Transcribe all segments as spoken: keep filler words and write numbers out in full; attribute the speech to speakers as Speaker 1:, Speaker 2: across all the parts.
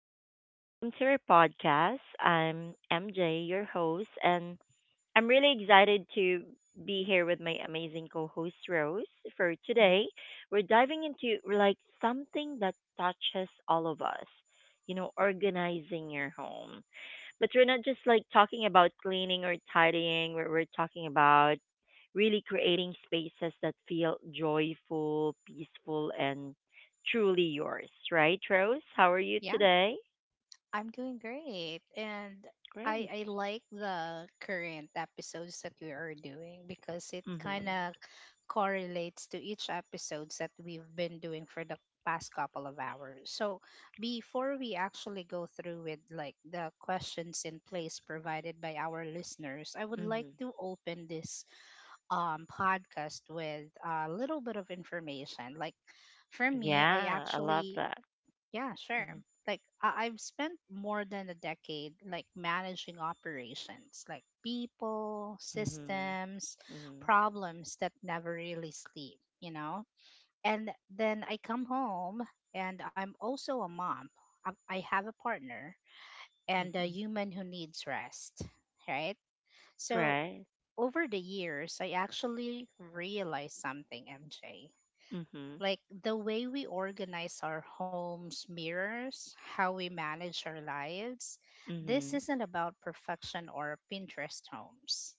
Speaker 1: and welcome to our podcast. I'm M J, your host, and I'm really excited to be here with my amazing co host, Rose. For
Speaker 2: Mhm.
Speaker 1: today, we're diving into like something that touches all of us, you know, organizing your home. But we're not just like talking about cleaning or tidying. We're, we're talking about really creating spaces that feel joyful, peaceful, and truly yours, right, Rose? How are you
Speaker 2: Yeah,
Speaker 1: today?
Speaker 2: I'm doing great. And I
Speaker 1: Great.
Speaker 2: I like the current episodes that we are doing because it kind
Speaker 1: Mm-hmm.
Speaker 2: of correlates to each episodes that we've been doing for the past couple of hours. So, before we actually go through with like the questions in place provided by our listeners, I would like
Speaker 1: Mm-hmm.
Speaker 2: to open this um podcast with a little bit of information. Like for me, I
Speaker 1: Yeah, I love
Speaker 2: actually.
Speaker 1: that.
Speaker 2: Yeah, sure.
Speaker 1: Mm-hmm.
Speaker 2: Like I- I've spent more than a decade like managing operations, like people,
Speaker 1: Mm-hmm.
Speaker 2: systems,
Speaker 1: Mm-hmm.
Speaker 2: problems that never really sleep, you know? And then I come home and I'm also a mom. I I have a partner and a
Speaker 1: Mm-hmm.
Speaker 2: human who needs rest, right? So
Speaker 1: Right.
Speaker 2: over the years, I actually realized something, M J,
Speaker 1: Mm-hmm.
Speaker 2: like the way we organize our homes mirrors how we manage our lives. This
Speaker 1: Mm-hmm.
Speaker 2: isn't about perfection or Pinterest homes,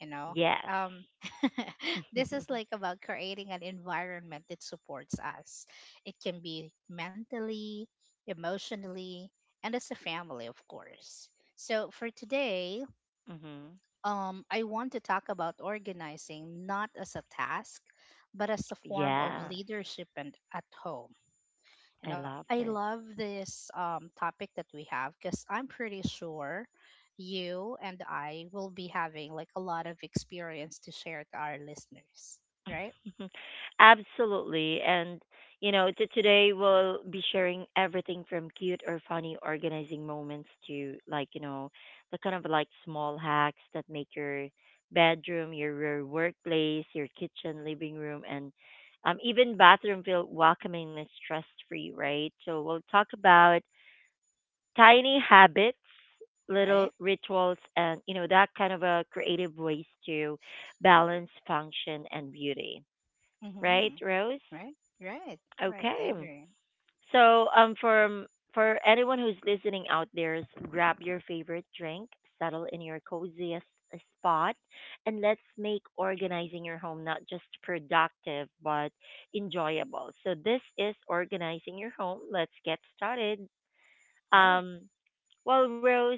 Speaker 2: you know.
Speaker 1: Yes.
Speaker 2: um this is like about creating an environment that supports us. It can be mentally, emotionally, and as a family, of course. So for today,
Speaker 1: Mm-hmm.
Speaker 2: um, I want to talk about organizing not as a task, but as a form of
Speaker 1: Yes.
Speaker 2: leadership and at home. You
Speaker 1: I
Speaker 2: know,
Speaker 1: love
Speaker 2: I
Speaker 1: it.
Speaker 2: love this um, topic that we have because I'm pretty sure you and I will be having like a lot of experience to share to our listeners, right?
Speaker 1: Absolutely. And, you know, t- today we'll be sharing everything from cute or funny organizing moments to, like, you know, the kind of like small hacks that make your bedroom, your, your workplace, your kitchen, living room, and um, even bathroom feel welcoming and stress free, right? So we'll talk about tiny habits, little
Speaker 2: Right?
Speaker 1: rituals, and, you know, that kind of a creative ways to balance function and beauty, right,
Speaker 2: Mm-hmm.
Speaker 1: Rose?
Speaker 2: Right? Right? Right? I
Speaker 1: Okay.
Speaker 2: agree.
Speaker 1: So, um, for m- for anyone who's listening out there, s- grab your favorite drink, settle in your coziest uh, spot, and let's make organizing your home not just productive but enjoyable. So, this is organizing your home. Let's get started.
Speaker 2: Right?
Speaker 1: Um, well, Rose,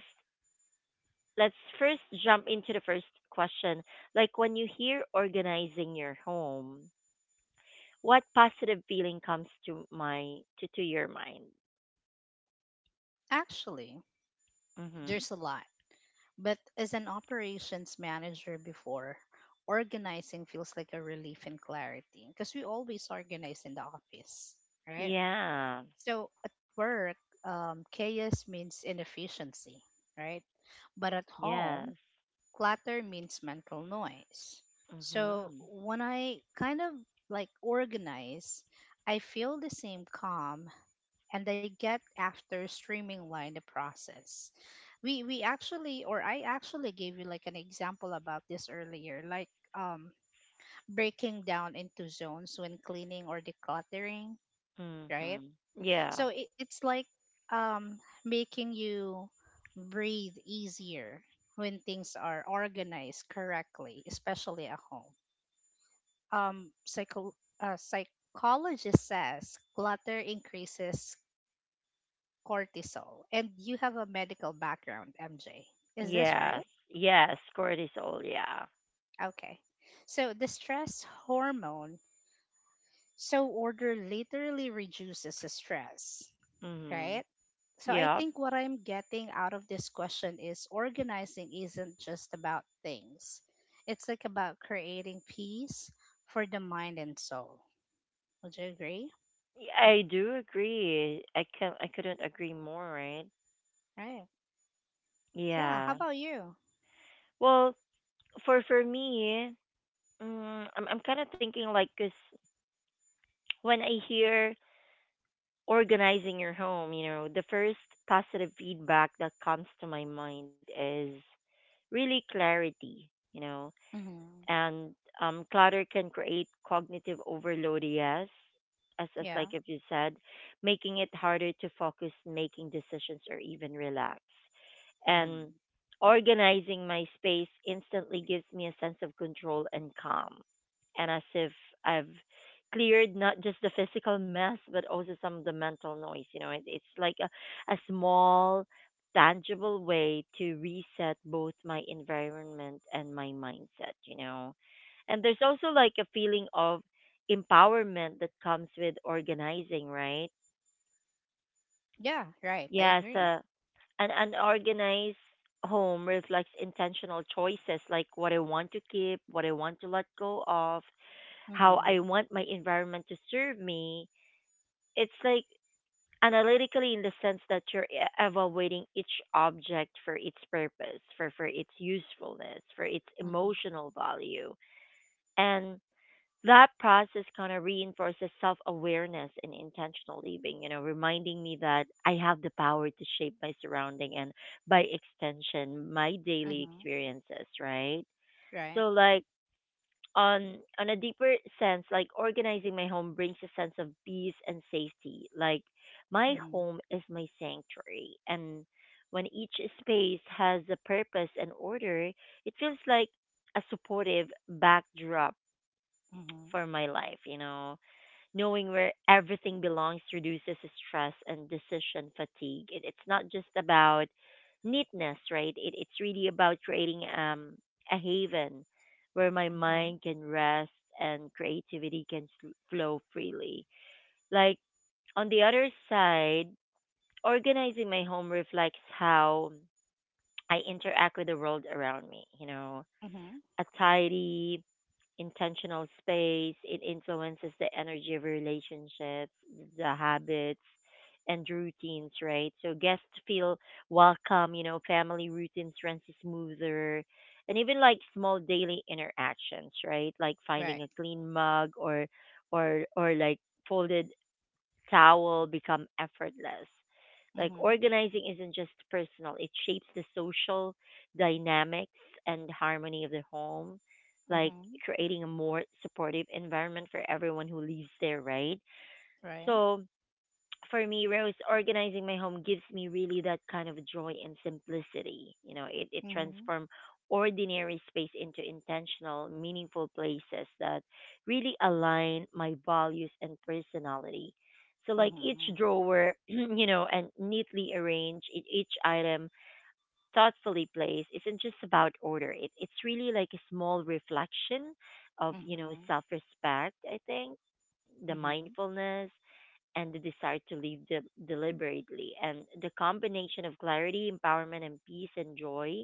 Speaker 1: let's first jump into the first question. Like when you hear organizing your home. What positive feeling comes to my to, to your mind?
Speaker 2: Actually,
Speaker 1: Mhm.
Speaker 2: there's a lot. But as an operations manager before, organizing feels like a relief and clarity because we always organize in the office, right?
Speaker 1: Yeah.
Speaker 2: So at work, um, chaos means inefficiency, right? But at
Speaker 1: Yes.
Speaker 2: home, clutter means mental noise. So
Speaker 1: Mhm.
Speaker 2: when I kind of like organize, I feel the same calm and I get after streamline the process. We we actually or I actually gave you like an example about this earlier, like um breaking down into zones when cleaning or decluttering, right?
Speaker 1: Mhm. Yeah.
Speaker 2: So it, it's like um making you breathe easier when things are organized correctly, especially at home. Um psycho uh, Psychologist says clutter increases cortisol. And you have a medical background, M J. Is this
Speaker 1: Yes.
Speaker 2: right?
Speaker 1: Yes. Cortisol. Yeah.
Speaker 2: Okay. So the stress hormone, so order literally reduces the stress,
Speaker 1: Mm-hmm.
Speaker 2: right? So I
Speaker 1: Yep.
Speaker 2: think what I'm getting out of this question is organizing isn't just about things. It's like about creating peace for the mind and soul. Would you agree?
Speaker 1: I do agree. I can. I couldn't agree more. Right.
Speaker 2: Right. Yeah. How
Speaker 1: Yeah.
Speaker 2: about you?
Speaker 1: Well, for for me, mm, I'm I'm kind of thinking like, cause when I hear organizing your home, you know, the first positive feedback that comes to my mind is really clarity, you know,
Speaker 2: Mm-hmm.
Speaker 1: and um, clutter can create cognitive overload, yes, as, as like
Speaker 2: Yeah.
Speaker 1: if you said, making it harder to focus, making decisions or even relax, and
Speaker 2: Mm-hmm.
Speaker 1: organizing my space instantly gives me a sense of control and calm, and as if I've cleared not just the physical mess but also some of the mental noise, you know. It, it's like a, a small tangible way to reset both my environment and my mindset, you know. And there's also like a feeling of empowerment that comes with organizing, right?
Speaker 2: Yeah. Right. I
Speaker 1: Yes,
Speaker 2: agree.
Speaker 1: uh, an unorganized home reflects intentional choices like what I want to keep, what I want to let go of, how
Speaker 2: Mm-hmm.
Speaker 1: I want my environment to serve me. It's like analytically in the sense that you're e- evaluating each object for its purpose, for, for its usefulness, for its
Speaker 2: Mhm.
Speaker 1: emotional value. And that process kind of reinforces self awareness and intentional living, you know, reminding me that I have the power to shape my surrounding and by extension, my daily
Speaker 2: Mhm.
Speaker 1: experiences, right?
Speaker 2: Right.
Speaker 1: So, like, on on a deeper sense, like organizing my home brings a sense of peace and safety. Like my
Speaker 2: Mhm.
Speaker 1: home is my sanctuary, and when each space has a purpose and order, it feels like a supportive backdrop
Speaker 2: Mhm.
Speaker 1: for my life, you know, knowing where everything belongs reduces stress and decision fatigue. It, it's not just about neatness, right? It, it's really about creating um, a haven where my
Speaker 2: Mhm.
Speaker 1: mind can rest and creativity can sl- flow freely. Like on the other side, organizing my home reflects how I interact with the world around me. You know,
Speaker 2: Mhm.
Speaker 1: a tidy, intentional space. It influences the energy of relationships, the habits, and routines, right? So guests feel welcome, you know, family routines runs smoother. And even like small daily interactions, right? Like finding a
Speaker 2: Right.
Speaker 1: clean mug or or or like folded towel become effortless. Like
Speaker 2: Mhm.
Speaker 1: organizing isn't just personal, it shapes the social dynamics and harmony of the home, like
Speaker 2: Mhm.
Speaker 1: creating a more supportive environment for everyone who lives there, right?
Speaker 2: Right.
Speaker 1: So, for me, Rose, organizing my home gives me really that kind of joy and simplicity. You know, it it
Speaker 2: Mhm.
Speaker 1: transforms ordinary space into intentional, meaningful places that really align my values and personality. So, like each
Speaker 2: Mhm.
Speaker 1: drawer, you know, and neatly arranged, e- each item thoughtfully placed isn't just about order. It, it's really like a small reflection of, you know,
Speaker 2: Mhm.
Speaker 1: self respect, I think, the
Speaker 2: Mhm.
Speaker 1: mindfulness and the desire to live de- deliberately. And the combination of clarity, empowerment, and peace and joy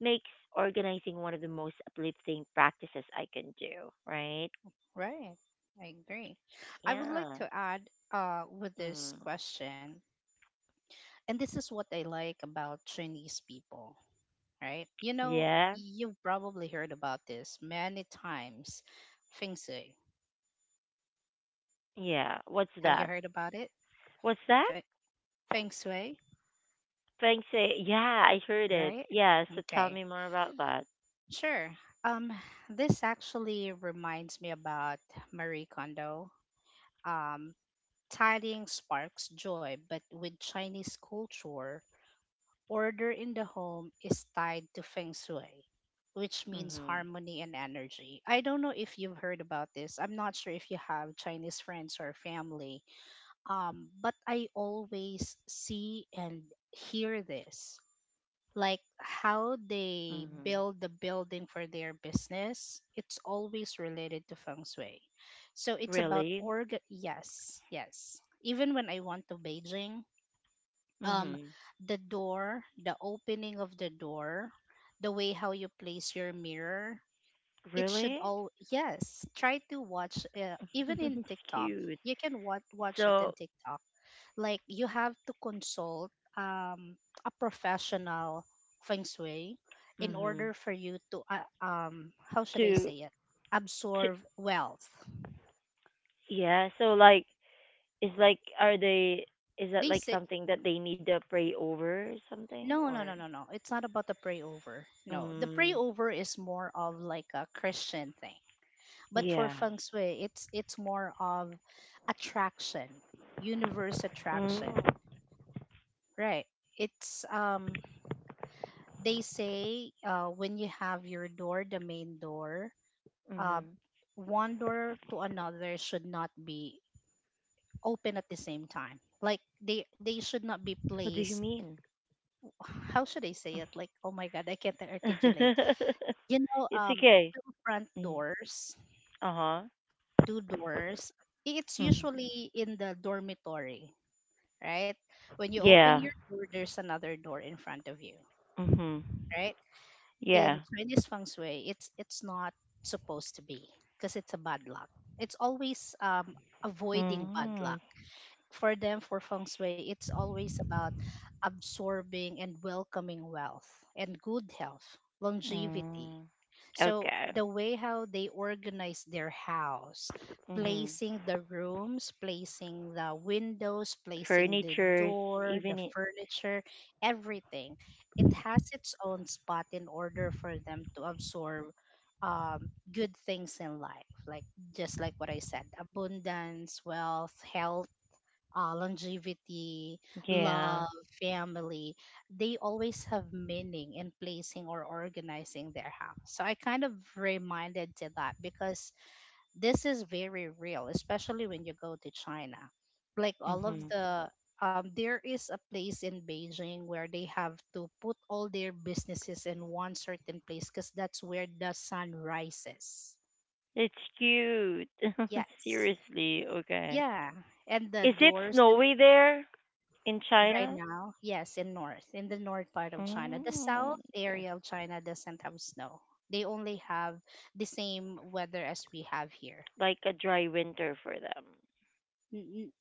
Speaker 1: makes organizing one of the most uplifting practices I can do, right?
Speaker 2: Right. I agree. I would like
Speaker 1: Yeah.
Speaker 2: to add uh with this
Speaker 1: Mm.
Speaker 2: question. And this is what I like about Chinese people, right? You know,
Speaker 1: Yeah.
Speaker 2: you've probably heard about this many times. Feng Shui.
Speaker 1: Yeah. What's
Speaker 2: Have you
Speaker 1: that?
Speaker 2: heard about it?
Speaker 1: What's that?
Speaker 2: Fe- Feng Shui,
Speaker 1: Thanks. eh, Yeah, I heard it.
Speaker 2: right?
Speaker 1: Yeah, so tell
Speaker 2: Okay.
Speaker 1: me more about that.
Speaker 2: Sure. Um, this actually reminds me about Marie Kondo. Um, tidying sparks joy, but with Chinese culture, order in the home is tied to feng shui, which means
Speaker 1: Mhm.
Speaker 2: harmony and energy. I don't know if you've heard about this. I'm not sure if you have Chinese friends or family. Um, but I always see and hear this like how they
Speaker 1: Mhm.
Speaker 2: build the building for their business, it's always related to feng shui. So it's about
Speaker 1: Really?
Speaker 2: org. Yes, yes. Even when I went to Beijing, um,
Speaker 1: Mhm.
Speaker 2: the door, the opening of the door, the way how you place your mirror, it should
Speaker 1: Really?
Speaker 2: all, yes, try to watch, uh, even in
Speaker 1: It's
Speaker 2: TikTok
Speaker 1: cute.
Speaker 2: you can watch watch it
Speaker 1: So,
Speaker 2: in TikTok, like you have to consult um a professional feng shui in
Speaker 1: mhm.
Speaker 2: order for you to uh, um how should I
Speaker 1: To
Speaker 2: say it,
Speaker 1: to
Speaker 2: absorb wealth.
Speaker 1: Yeah, so like is like are they is that
Speaker 2: They
Speaker 1: like
Speaker 2: say
Speaker 1: something that they need to pray over or something
Speaker 2: no, no,
Speaker 1: or
Speaker 2: no, no, no, it's not about the pray over. No, the
Speaker 1: mm,
Speaker 2: pray over is more of like a Christian thing. But
Speaker 1: yeah.
Speaker 2: for feng shui, it's it's more of attraction, universe
Speaker 1: Mm.
Speaker 2: attraction, right? It's um they say uh when you have your door, the main door, uh
Speaker 1: Mhm.
Speaker 2: one door to another should not be open at the same time. Like they they should not be
Speaker 1: What do you
Speaker 2: placed.
Speaker 1: mean?
Speaker 2: How should I say it? Like oh my god, I can't articulate. You know,
Speaker 1: It's
Speaker 2: um,
Speaker 1: okay.
Speaker 2: two front
Speaker 1: Mm.
Speaker 2: doors,
Speaker 1: Uh-huh.
Speaker 2: two doors. It's
Speaker 1: Mm.
Speaker 2: usually in the dormitory, right? When you open
Speaker 1: Yeah.
Speaker 2: your door, there's another door in front of you,
Speaker 1: Mhm.
Speaker 2: right? In
Speaker 1: Yeah.
Speaker 2: Chinese feng shui, it's it's not supposed to be because it's a bad luck. It's always, um, avoiding bad
Speaker 1: Mhm.
Speaker 2: luck. For them, for feng shui, it's always about absorbing and welcoming wealth and good health, longevity.
Speaker 1: Mm.
Speaker 2: So
Speaker 1: Okay.
Speaker 2: the way how they organize their house,
Speaker 1: Mhm.
Speaker 2: placing the rooms, placing the windows, placing the
Speaker 1: Furnitures,
Speaker 2: door, the
Speaker 1: even i-
Speaker 2: furniture, everything, it has its own spot in order for them to absorb um, good things in life. Like just like what I said, abundance, wealth, health, uh, longevity, love,
Speaker 1: yeah.
Speaker 2: family, they always have meaning in placing or organizing their house. So I kind of reminded to that because this is very real, especially when you go to China. Like all of
Speaker 1: Mhm.
Speaker 2: the, um, there is a place in Beijing where they have to put all their businesses in one certain place because that's where the sun rises.
Speaker 1: It's cute.
Speaker 2: Yes.
Speaker 1: Seriously, okay.
Speaker 2: Yeah. And the
Speaker 1: Is it
Speaker 2: doors and
Speaker 1: snowy there in
Speaker 2: right
Speaker 1: China?
Speaker 2: now, yes, in north, in the north part of China. The
Speaker 1: Mm,
Speaker 2: south
Speaker 1: okay.
Speaker 2: area of China doesn't have snow. They only have the same weather as we have here.
Speaker 1: Like a dry winter for them.
Speaker 2: N- n-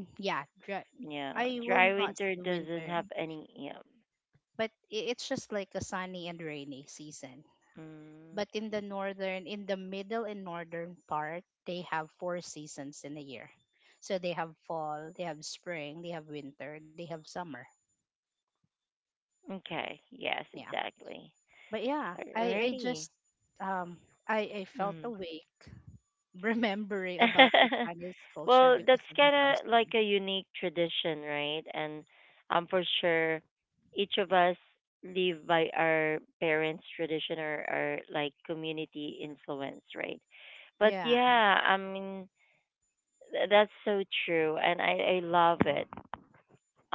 Speaker 2: n- yeah, dra-
Speaker 1: Yeah,
Speaker 2: I will
Speaker 1: dry
Speaker 2: not say
Speaker 1: winter
Speaker 2: winter,
Speaker 1: doesn't have any. Yeah.
Speaker 2: but i- it's just like a sunny and rainy season.
Speaker 1: Mm,
Speaker 2: But in the northern, in the middle and northern part, they have four seasons in a year. So they have fall, they have spring, they have winter, they have summer.
Speaker 1: okay. Yes,
Speaker 2: Yeah.
Speaker 1: exactly.
Speaker 2: But yeah, I I
Speaker 1: Alrighty.
Speaker 2: just um I I felt
Speaker 1: Mm.
Speaker 2: awake remembering about the Chinese culture
Speaker 1: Well,
Speaker 2: because
Speaker 1: that's
Speaker 2: of the
Speaker 1: kind
Speaker 2: feng
Speaker 1: of like
Speaker 2: shui.
Speaker 1: a unique tradition, right? And um, for sure, each of us live by our parents' tradition or our like community influence, right? But
Speaker 2: Yeah,
Speaker 1: yeah, I mean, th- that's so true, and I I love it.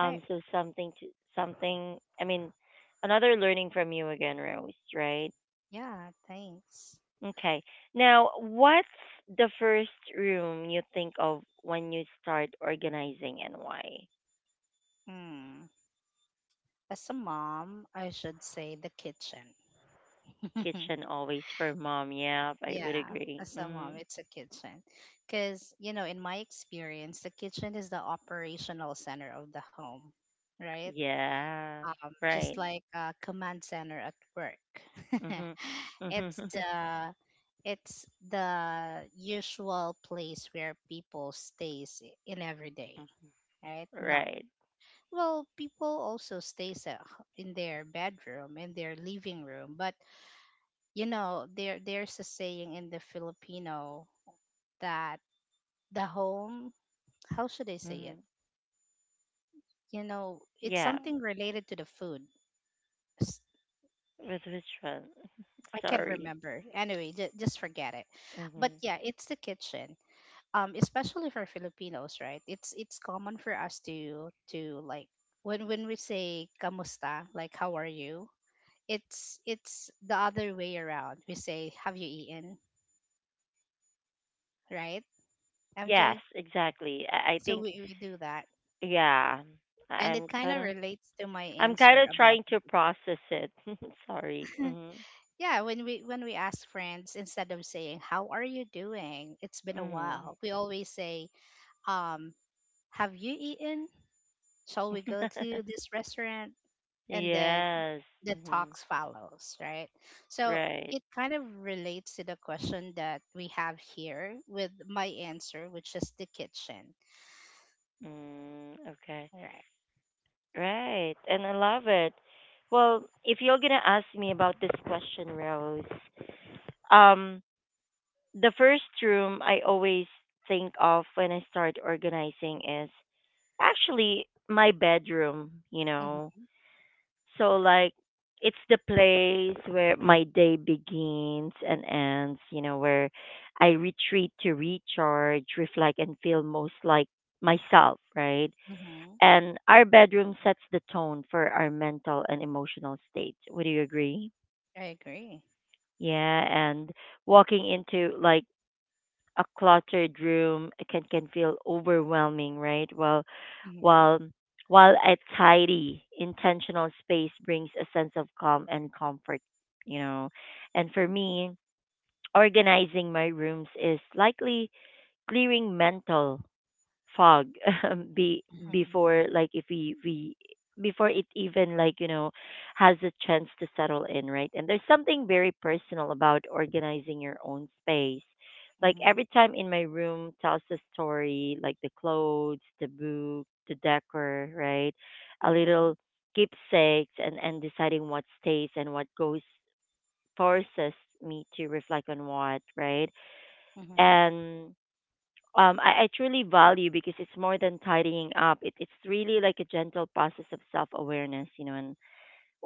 Speaker 2: right.
Speaker 1: so something to something. I mean, Another learning from you again, Rose, right?
Speaker 2: Yeah, thanks.
Speaker 1: Okay. Now, what's the first room you think of when you start organizing and why?
Speaker 2: Mm. As a mom, I should say the kitchen.
Speaker 1: Kitchen always for mom. Yeah, I would
Speaker 2: Yeah,
Speaker 1: agree.
Speaker 2: as a mom,
Speaker 1: Mm,
Speaker 2: it's a kitchen. Because, you know, in my experience, the kitchen is the operational center of the home, right?
Speaker 1: yeah,
Speaker 2: um, just
Speaker 1: right.
Speaker 2: like a command center at work.
Speaker 1: Hmm.
Speaker 2: it's
Speaker 1: Hmm.
Speaker 2: the it's the usual place where people stays in every day, right? Not,
Speaker 1: Right.
Speaker 2: well, people also stays at h- in their bedroom, in their living room, but you know there there's a saying in the Filipino that the home, how should I say it?
Speaker 1: Hmm.
Speaker 2: You know, it's
Speaker 1: Yeah.
Speaker 2: something related to the food.
Speaker 1: With which one?
Speaker 2: I can't
Speaker 1: Sorry.
Speaker 2: remember. Anyway, j- just forget it.
Speaker 1: Hmm.
Speaker 2: But yeah, it's the kitchen. Um, especially for Filipinos, right? It's it's common for us to to like when when we say kamusta, like how are you? It's it's the other way around. We say have you eaten, right?
Speaker 1: Yes,
Speaker 2: M J.
Speaker 1: exactly. I, I
Speaker 2: So
Speaker 1: think,
Speaker 2: we we do that,
Speaker 1: yeah,
Speaker 2: and it
Speaker 1: I'm
Speaker 2: kind of
Speaker 1: kind of,
Speaker 2: relates to my
Speaker 1: I'm kind
Speaker 2: answer
Speaker 1: of
Speaker 2: about
Speaker 1: trying
Speaker 2: the
Speaker 1: to
Speaker 2: kitchen.
Speaker 1: process it. Sorry. Mm-hmm.
Speaker 2: Yeah, when we when we ask friends, instead of saying how are you doing, it's been a
Speaker 1: Mm-hmm.
Speaker 2: while, we always say um have you eaten? Shall we go to this restaurant? And then
Speaker 1: Yes.
Speaker 2: the
Speaker 1: Hmm.
Speaker 2: talks follows, right? So
Speaker 1: Right.
Speaker 2: it kind of relates to the question that we have here with my answer, which is the kitchen.
Speaker 1: Mm, okay.
Speaker 2: Right.
Speaker 1: Right. And I love it. Well, if you're going to ask me about this question, Rose, um, the first room I always think of when I start organizing is actually my bedroom, you know.
Speaker 2: Mm-hmm.
Speaker 1: So like it's the place where my day begins and ends, you know, where I retreat to recharge, reflect and feel most like myself, right?
Speaker 2: Mm-hmm.
Speaker 1: And our bedroom sets the tone for our mental and emotional state. Would you agree?
Speaker 2: I agree.
Speaker 1: Yeah, and walking into like a cluttered room can can feel overwhelming, right? While
Speaker 2: Mm-hmm.
Speaker 1: while while a tidy, intentional space brings a sense of calm and comfort, you know. And for me, organizing my rooms is likely clearing mental fog be
Speaker 2: Mm-hmm.
Speaker 1: before like if we we before it even, like, you know, has a chance to settle in, right? And there's something very personal about organizing your own space, like
Speaker 2: Mm-hmm.
Speaker 1: every time in my room tells a story, like the clothes, the book, the decor, right, a
Speaker 2: Mm-hmm.
Speaker 1: little keepsakes, and and deciding what stays and what goes forces me to reflect on what, right?
Speaker 2: Mm-hmm.
Speaker 1: And um, I, I truly value, because it's more than tidying up. It, it's really like a gentle process of self awareness, you know, and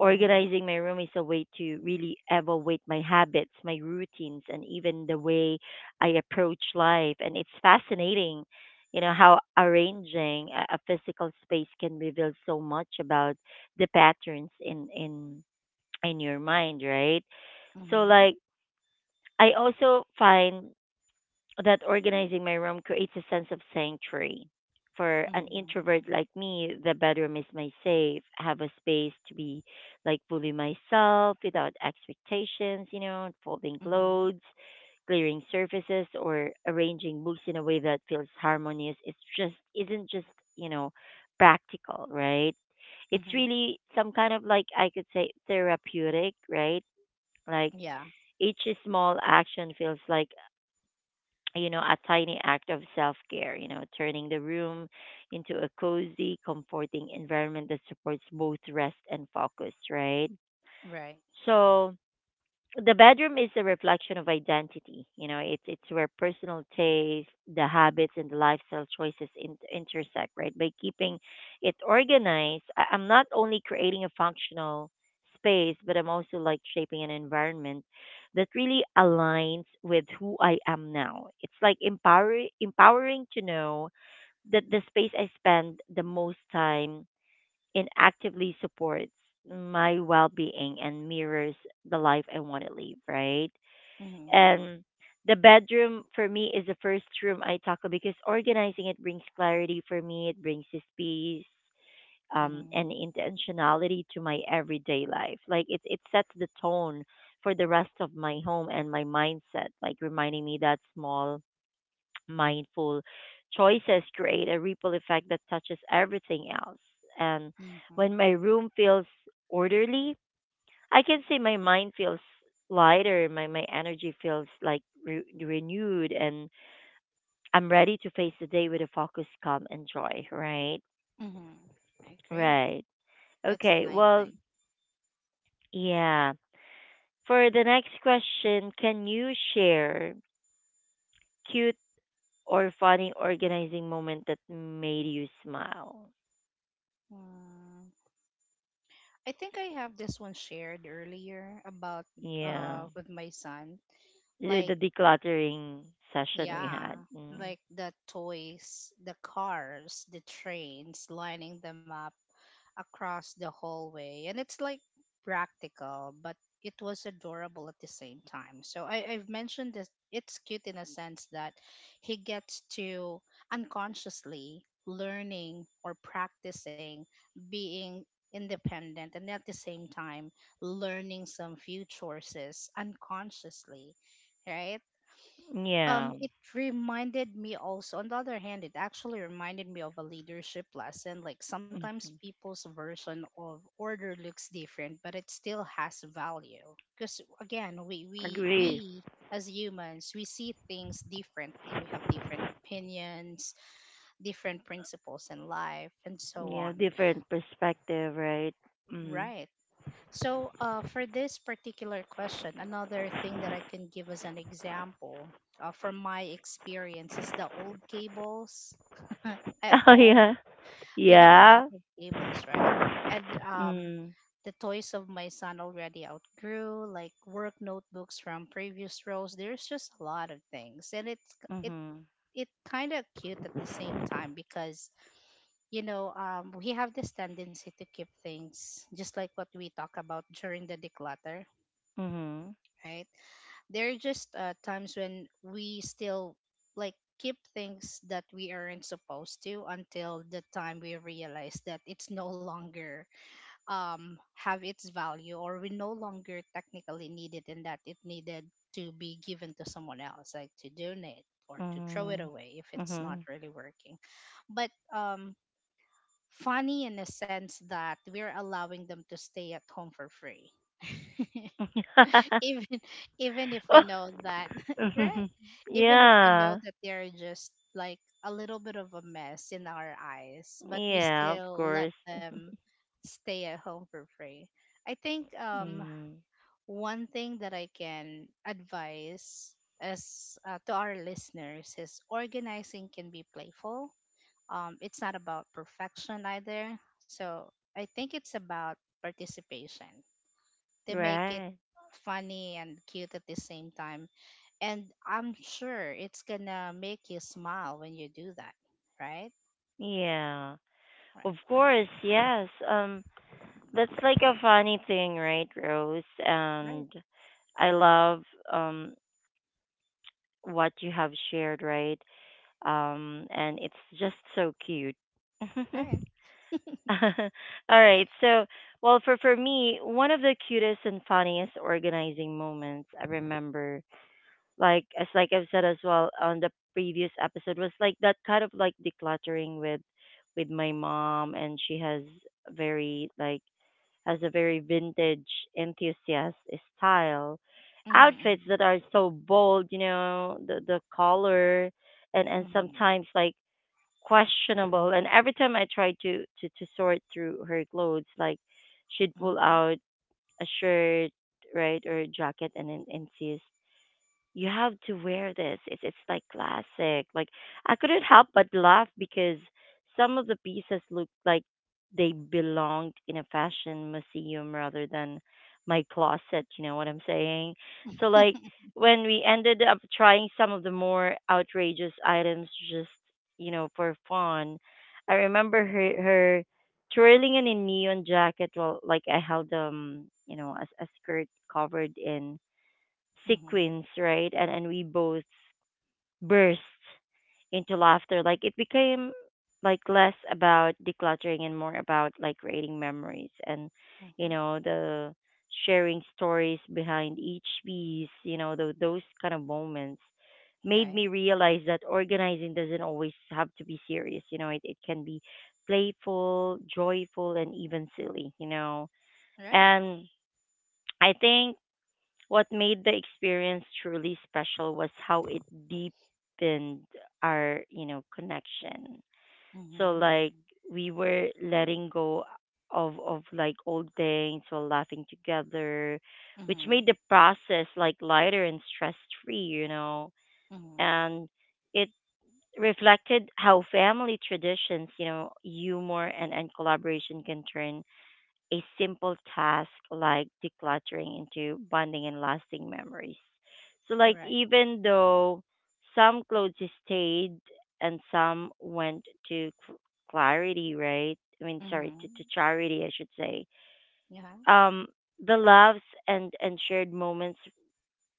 Speaker 2: Mm-hmm.
Speaker 1: my room is a way to really evaluate my habits, my routines, and even the way I approach life. And it's fascinating, you know, how arranging a, a physical space can reveal so much about the patterns in, in, in your mind, right? So,
Speaker 2: Mm-hmm.
Speaker 1: like, I also find that organizing my room creates a sense of sanctuary. For an
Speaker 2: Mm-hmm. Mm-hmm.
Speaker 1: introvert like me, the bedroom is my safe. I have a space to be like fully myself without expectations, you know, folding
Speaker 2: Mm-hmm.
Speaker 1: clothes, clearing surfaces, or arranging books in a way that feels harmonious. It's just isn't just, you know, practical, right? It's
Speaker 2: Mm-hmm.
Speaker 1: really some kind of like I could say therapeutic, right? Like
Speaker 2: Yeah.
Speaker 1: each small action feels like, you know, a tiny act of self care, you know, turning the room into a cozy, comforting environment that supports both rest and focus, right?
Speaker 2: Right.
Speaker 1: So, the bedroom is a reflection of identity. You know, it's it's where personal taste, the habits, and the lifestyle choices in, intersect. Right, by keeping it organized, I, I'm not only creating a functional space, but I'm also like shaping an environment that really aligns with who I am now. It's like empower empowering to know that the space I spend the most time, it actively supports my well being and mirrors the life I want to live, right?
Speaker 2: Mm-hmm.
Speaker 1: And the bedroom for me is the first room I tackle because organizing it brings clarity for me, it brings the space um,
Speaker 2: Mm-hmm.
Speaker 1: and intentionality to my everyday life. Like it, it sets the tone for the rest of my home and my mindset, like reminding me that small mindful choices create a ripple effect that touches everything else. And
Speaker 2: Mm-hmm.
Speaker 1: when my room feels orderly, I can say my mind feels lighter, my, my energy feels like re- renewed, and I'm ready to face the day with a focus, calm, and joy, right?
Speaker 2: Mm-hmm. I agree.
Speaker 1: Right.
Speaker 2: That's a
Speaker 1: Okay,
Speaker 2: nice
Speaker 1: well,
Speaker 2: thing.
Speaker 1: yeah. For the next question, can you share cute or funny organizing moment that made you smile?
Speaker 2: Mm, I think I have this one shared earlier about
Speaker 1: Yeah.
Speaker 2: uh with my son.
Speaker 1: the the
Speaker 2: Like,
Speaker 1: decluttering session we
Speaker 2: yeah,
Speaker 1: had. Mm.
Speaker 2: like the toys, the cars, the trains, lining them up across the hallway. And it's like practical, but it was adorable at the same time. So I, I've mentioned this, it's cute in a sense that he gets to unconsciously learning or practicing being independent and at the same time learning some few choices unconsciously, right. Um
Speaker 1: Yeah,
Speaker 2: it reminded me also on the other hand, it actually reminded me of a leadership lesson, like sometimes people's version of order looks different but it still has value. Because again, we we
Speaker 1: agree.
Speaker 2: we as humans, we see things differently, we have different opinions, different principles in life and so
Speaker 1: Yeah,
Speaker 2: on,
Speaker 1: different perspective, right? Mm.
Speaker 2: right. So, uh, for this particular question, another thing that I can give as an example, uh, from my experience is the old cables at
Speaker 1: Oh
Speaker 2: home.
Speaker 1: yeah,
Speaker 2: We have a lot
Speaker 1: yeah.
Speaker 2: of cables, right? And um,
Speaker 1: Mm.
Speaker 2: the toys of my son already outgrew, like work notebooks from previous rows. There's just a lot of things, and it's it
Speaker 1: Mhm.
Speaker 2: it kind of cute at the same time because, you know, um, we have this tendency to keep things just like what we talk about during the declutter,
Speaker 1: Mhm.
Speaker 2: right? There are just uh, times when we still like keep things that we aren't supposed to, until the time we realize that it's no longer um have its value, or we no longer technically need it, and that it needed to be given to someone else, like to donate or to throw it
Speaker 1: Mhm.
Speaker 2: away if it's not
Speaker 1: Mhm.
Speaker 2: really working. But um funny in a sense that we're allowing them to stay at home for free. even even if we
Speaker 1: Oh,
Speaker 2: know that, right,
Speaker 1: mhm.
Speaker 2: even if we know
Speaker 1: Yeah.
Speaker 2: that they're just like a little bit of a mess in our eyes, but we
Speaker 1: Yeah. Of
Speaker 2: still let
Speaker 1: course.
Speaker 2: them stay at home for free. I think, um
Speaker 1: Mm.
Speaker 2: one thing that I can advise as, uh, to our listeners, is organizing can be playful. Um it's not about perfection either, so I think it's about participation. They make it
Speaker 1: Right.
Speaker 2: funny and cute at the same time. And I'm sure it's gonna make you smile when you do that, right?
Speaker 1: Yeah.
Speaker 2: Right,
Speaker 1: Of course. Yes. Um. That's like a funny thing, right, Rose?
Speaker 2: right,
Speaker 1: And I love um what you have shared, right? Um, and it's just so cute.
Speaker 2: right.
Speaker 1: All right. So, well, for for me, one of the cutest and funniest organizing moments I remember, like as like I've said as well on the previous episode, was like that kind of like decluttering with with my mom, and she has very like has a very vintage enthusiast style.
Speaker 2: Mm-hmm,
Speaker 1: Outfits
Speaker 2: mm-hmm,
Speaker 1: that are so bold, you know, the the color and and
Speaker 2: mm-hmm,
Speaker 1: sometimes like questionable. And every time I try to to to sort through her clothes, like she'd pull
Speaker 2: mm-hmm,
Speaker 1: out a shirt, right, or a jacket and and, and you have to wear this. It's it's like classic. Like I couldn't help but laugh because some of the pieces looked like they belonged in a fashion museum rather than my closet, you know what I'm saying? So like when we ended up trying some of the more outrageous items just, you know, for fun, I remember her her twirling in a neon jacket while like I held um, you know, a, a skirt covered in
Speaker 2: mm-hmm.
Speaker 1: sequence, right? And and we both burst into laughter. Like it became like less about decluttering and more about like creating memories and you know the sharing stories behind each piece. You know tho- those kind of moments made me
Speaker 2: Right,
Speaker 1: realize that organizing doesn't always have to be serious. You know, it, it can be playful, joyful, and even silly. You know,
Speaker 2: right.
Speaker 1: and I think what made the experience truly special was how it deepened our, you know, connection. So like
Speaker 2: Mm-hmm,
Speaker 1: we were letting go of of like old things while laughing together, which made
Speaker 2: mm-hmm,
Speaker 1: the process like lighter and stress free, you know.
Speaker 2: mm-hmm.
Speaker 1: And it reflected how family traditions, you know, humor and, and collaboration can turn a simple task like decluttering into bonding and lasting memories. So, like,
Speaker 2: Right.
Speaker 1: even though some clothes stayed and some went to cl- clarity, right? I mean, sorry, to,
Speaker 2: Mm-hmm.
Speaker 1: to charity, I should say.
Speaker 2: Yeah,
Speaker 1: Um, the loves and, and shared moments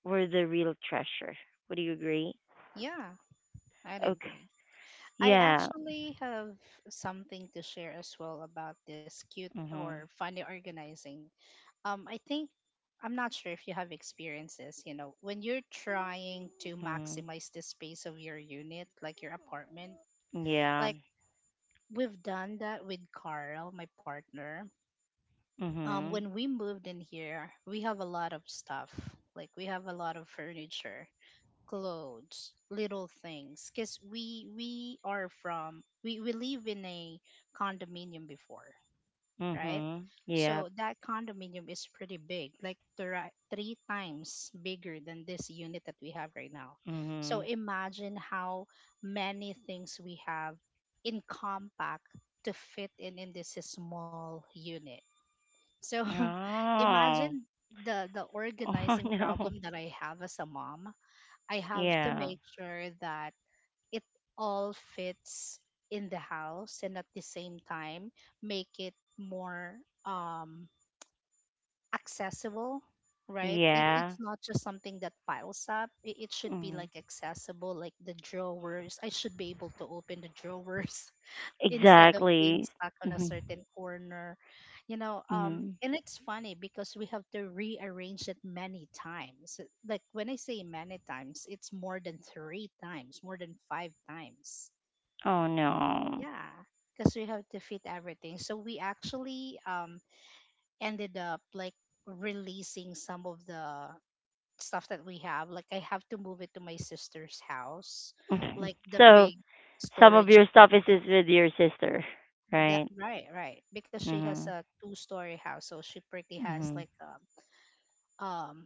Speaker 1: were the real treasure. Would you agree?
Speaker 2: yeah, I'd
Speaker 1: Okay.
Speaker 2: agree. I
Speaker 1: Yeah.
Speaker 2: actually have something to share as well about this cute or
Speaker 1: Mhm.
Speaker 2: funny organizing. um I think, I'm not sure if you have experiences, you know, when you're trying to
Speaker 1: Mhm.
Speaker 2: maximize the space of your unit, like your apartment.
Speaker 1: Yeah.
Speaker 2: Like we've done that with Carl, my partner. Um when
Speaker 1: Mhm.
Speaker 2: we moved in here, we have a lot of stuff. Like we have a lot of furniture, clothes, little things, because we we are from we we live in a condominium before, right?
Speaker 1: Mhm.
Speaker 2: So
Speaker 1: Yep.
Speaker 2: that condominium is pretty big, like thri- three times bigger than this unit that we have right now. So
Speaker 1: Mhm.
Speaker 2: imagine how many things we have in compact to fit in in this small unit. So
Speaker 1: Oh.
Speaker 2: imagine the the
Speaker 1: Oh
Speaker 2: organizing
Speaker 1: no.
Speaker 2: problem that I have as a mom. I have to
Speaker 1: Yeah.
Speaker 2: make sure that it all fits in the house, and at the same time make it more um accessible, right? it,
Speaker 1: Yeah.
Speaker 2: it's not just something that piles up, it, it should be
Speaker 1: Mm.
Speaker 2: like accessible. Like the drawers, I should be able to open the drawers instead of being
Speaker 1: Exactly.
Speaker 2: stuck on a
Speaker 1: Mhm.
Speaker 2: certain corner, you know. Um
Speaker 1: Mhm.
Speaker 2: and it's funny because we have to rearrange it many times. Like when I say many times, it's more than three times, more than five times.
Speaker 1: Oh no.
Speaker 2: Yeah, because we have to fit everything. So we actually, um ended up like releasing some of the stuff that we have. Like I have to move it to my sister's house, like the
Speaker 1: So,
Speaker 2: big
Speaker 1: some of
Speaker 2: storage
Speaker 1: your stuff is,
Speaker 2: boxes.
Speaker 1: is with your sister,
Speaker 2: That
Speaker 1: right?
Speaker 2: right, right. Because she has
Speaker 1: Mhm.
Speaker 2: a two-story house, so she pretty has
Speaker 1: Mhm.
Speaker 2: like um um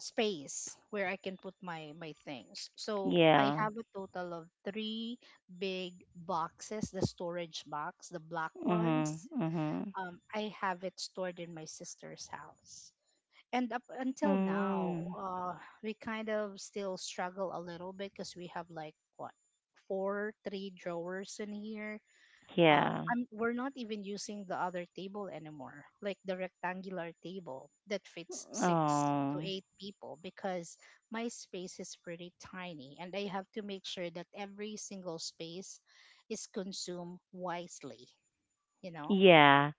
Speaker 2: space where I can put my my things. So I
Speaker 1: Yeah.
Speaker 2: have a total of three big boxes, the storage box, the black
Speaker 1: Mhm.
Speaker 2: ones.
Speaker 1: Mhm.
Speaker 2: um, I have it stored in my sister's house. And up until now,
Speaker 1: Mm.
Speaker 2: uh, we kind of still struggle a little bit, because we have like what, four, three drawers in here. Um,
Speaker 1: Yeah.
Speaker 2: I'm, we're not even using the other table anymore, like the rectangular table that fits six to
Speaker 1: Oh.
Speaker 2: eight people, because my space is pretty tiny and I have to make sure that every single space is consumed wisely, you know?
Speaker 1: Yeah.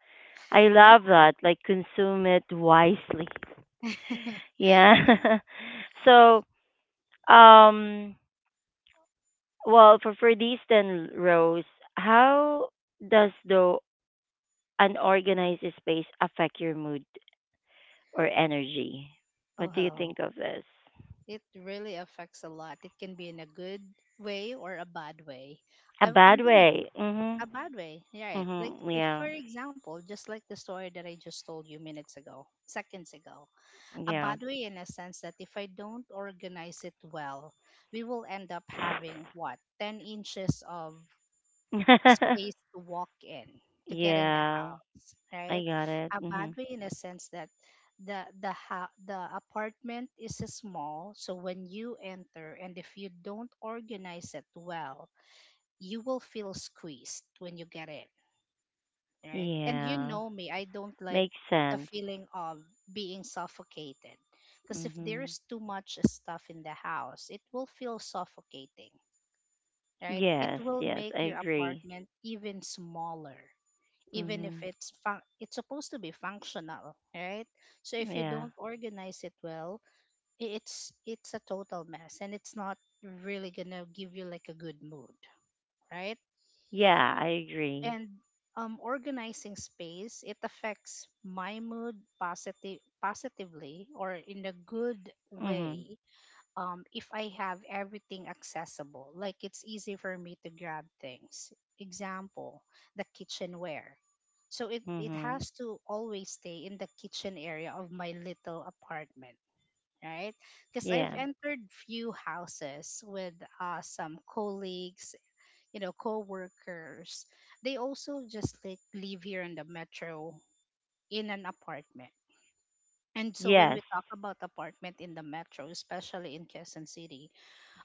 Speaker 1: I love that. Like consume it wisely.
Speaker 2: Yeah.
Speaker 1: Yeah. So, um, well, for for these ten rows, how does the unorganized space affect your mood or energy? What do you
Speaker 2: Oh,
Speaker 1: think of this?
Speaker 2: it really affects a lot. It can be in a good way or a bad way.
Speaker 1: A
Speaker 2: I'm,
Speaker 1: bad
Speaker 2: I'm gonna
Speaker 1: way. Mhm.
Speaker 2: a bad way, right? Like
Speaker 1: Mhm.
Speaker 2: if,
Speaker 1: Yeah.
Speaker 2: for example, just like the story that I just told you minutes ago, seconds ago, a
Speaker 1: Yeah.
Speaker 2: bad way in a sense that if I don't organize it well, we will end up having what, ten inches of space to walk in, to get in the
Speaker 1: Yeah.
Speaker 2: house, right?
Speaker 1: I got it.
Speaker 2: A bad
Speaker 1: Mhm.
Speaker 2: way in a sense that the the ha- the apartment is small, so when you enter, and if you don't organize it well, you will feel squeezed when you get in, right? And you
Speaker 1: Yeah.
Speaker 2: know me, I don't like
Speaker 1: Makes
Speaker 2: the
Speaker 1: sense.
Speaker 2: feeling of being suffocated, because if
Speaker 1: Mhm.
Speaker 2: there's too much stuff in the house, it will feel suffocating, right? It
Speaker 1: Yes.
Speaker 2: will
Speaker 1: Yes.
Speaker 2: make
Speaker 1: I
Speaker 2: your
Speaker 1: agree.
Speaker 2: apartment even smaller, even if
Speaker 1: Mhm.
Speaker 2: it's fun- it's supposed to be functional, right? So if you
Speaker 1: Yeah.
Speaker 2: don't organize it well, i- it's it's a total mess, and it's not really going to give you like a good mood, right?
Speaker 1: Yeah. I agree.
Speaker 2: And um organizing space, it affects my mood positive positively, or in a good
Speaker 1: Mhm.
Speaker 2: way, um, if I have everything accessible. Like it's easy for me to grab things. Example, the kitchenware. So it, it
Speaker 1: Mhm.
Speaker 2: has to always stay in the kitchen area of my little apartment, right? Because I've
Speaker 1: Yeah.
Speaker 2: entered few houses with uh, some colleagues, you know, co-workers. They also just like live here in the metro, in an apartment. And so when
Speaker 1: Yes.
Speaker 2: we talk about apartment in the metro, especially in Quezon City,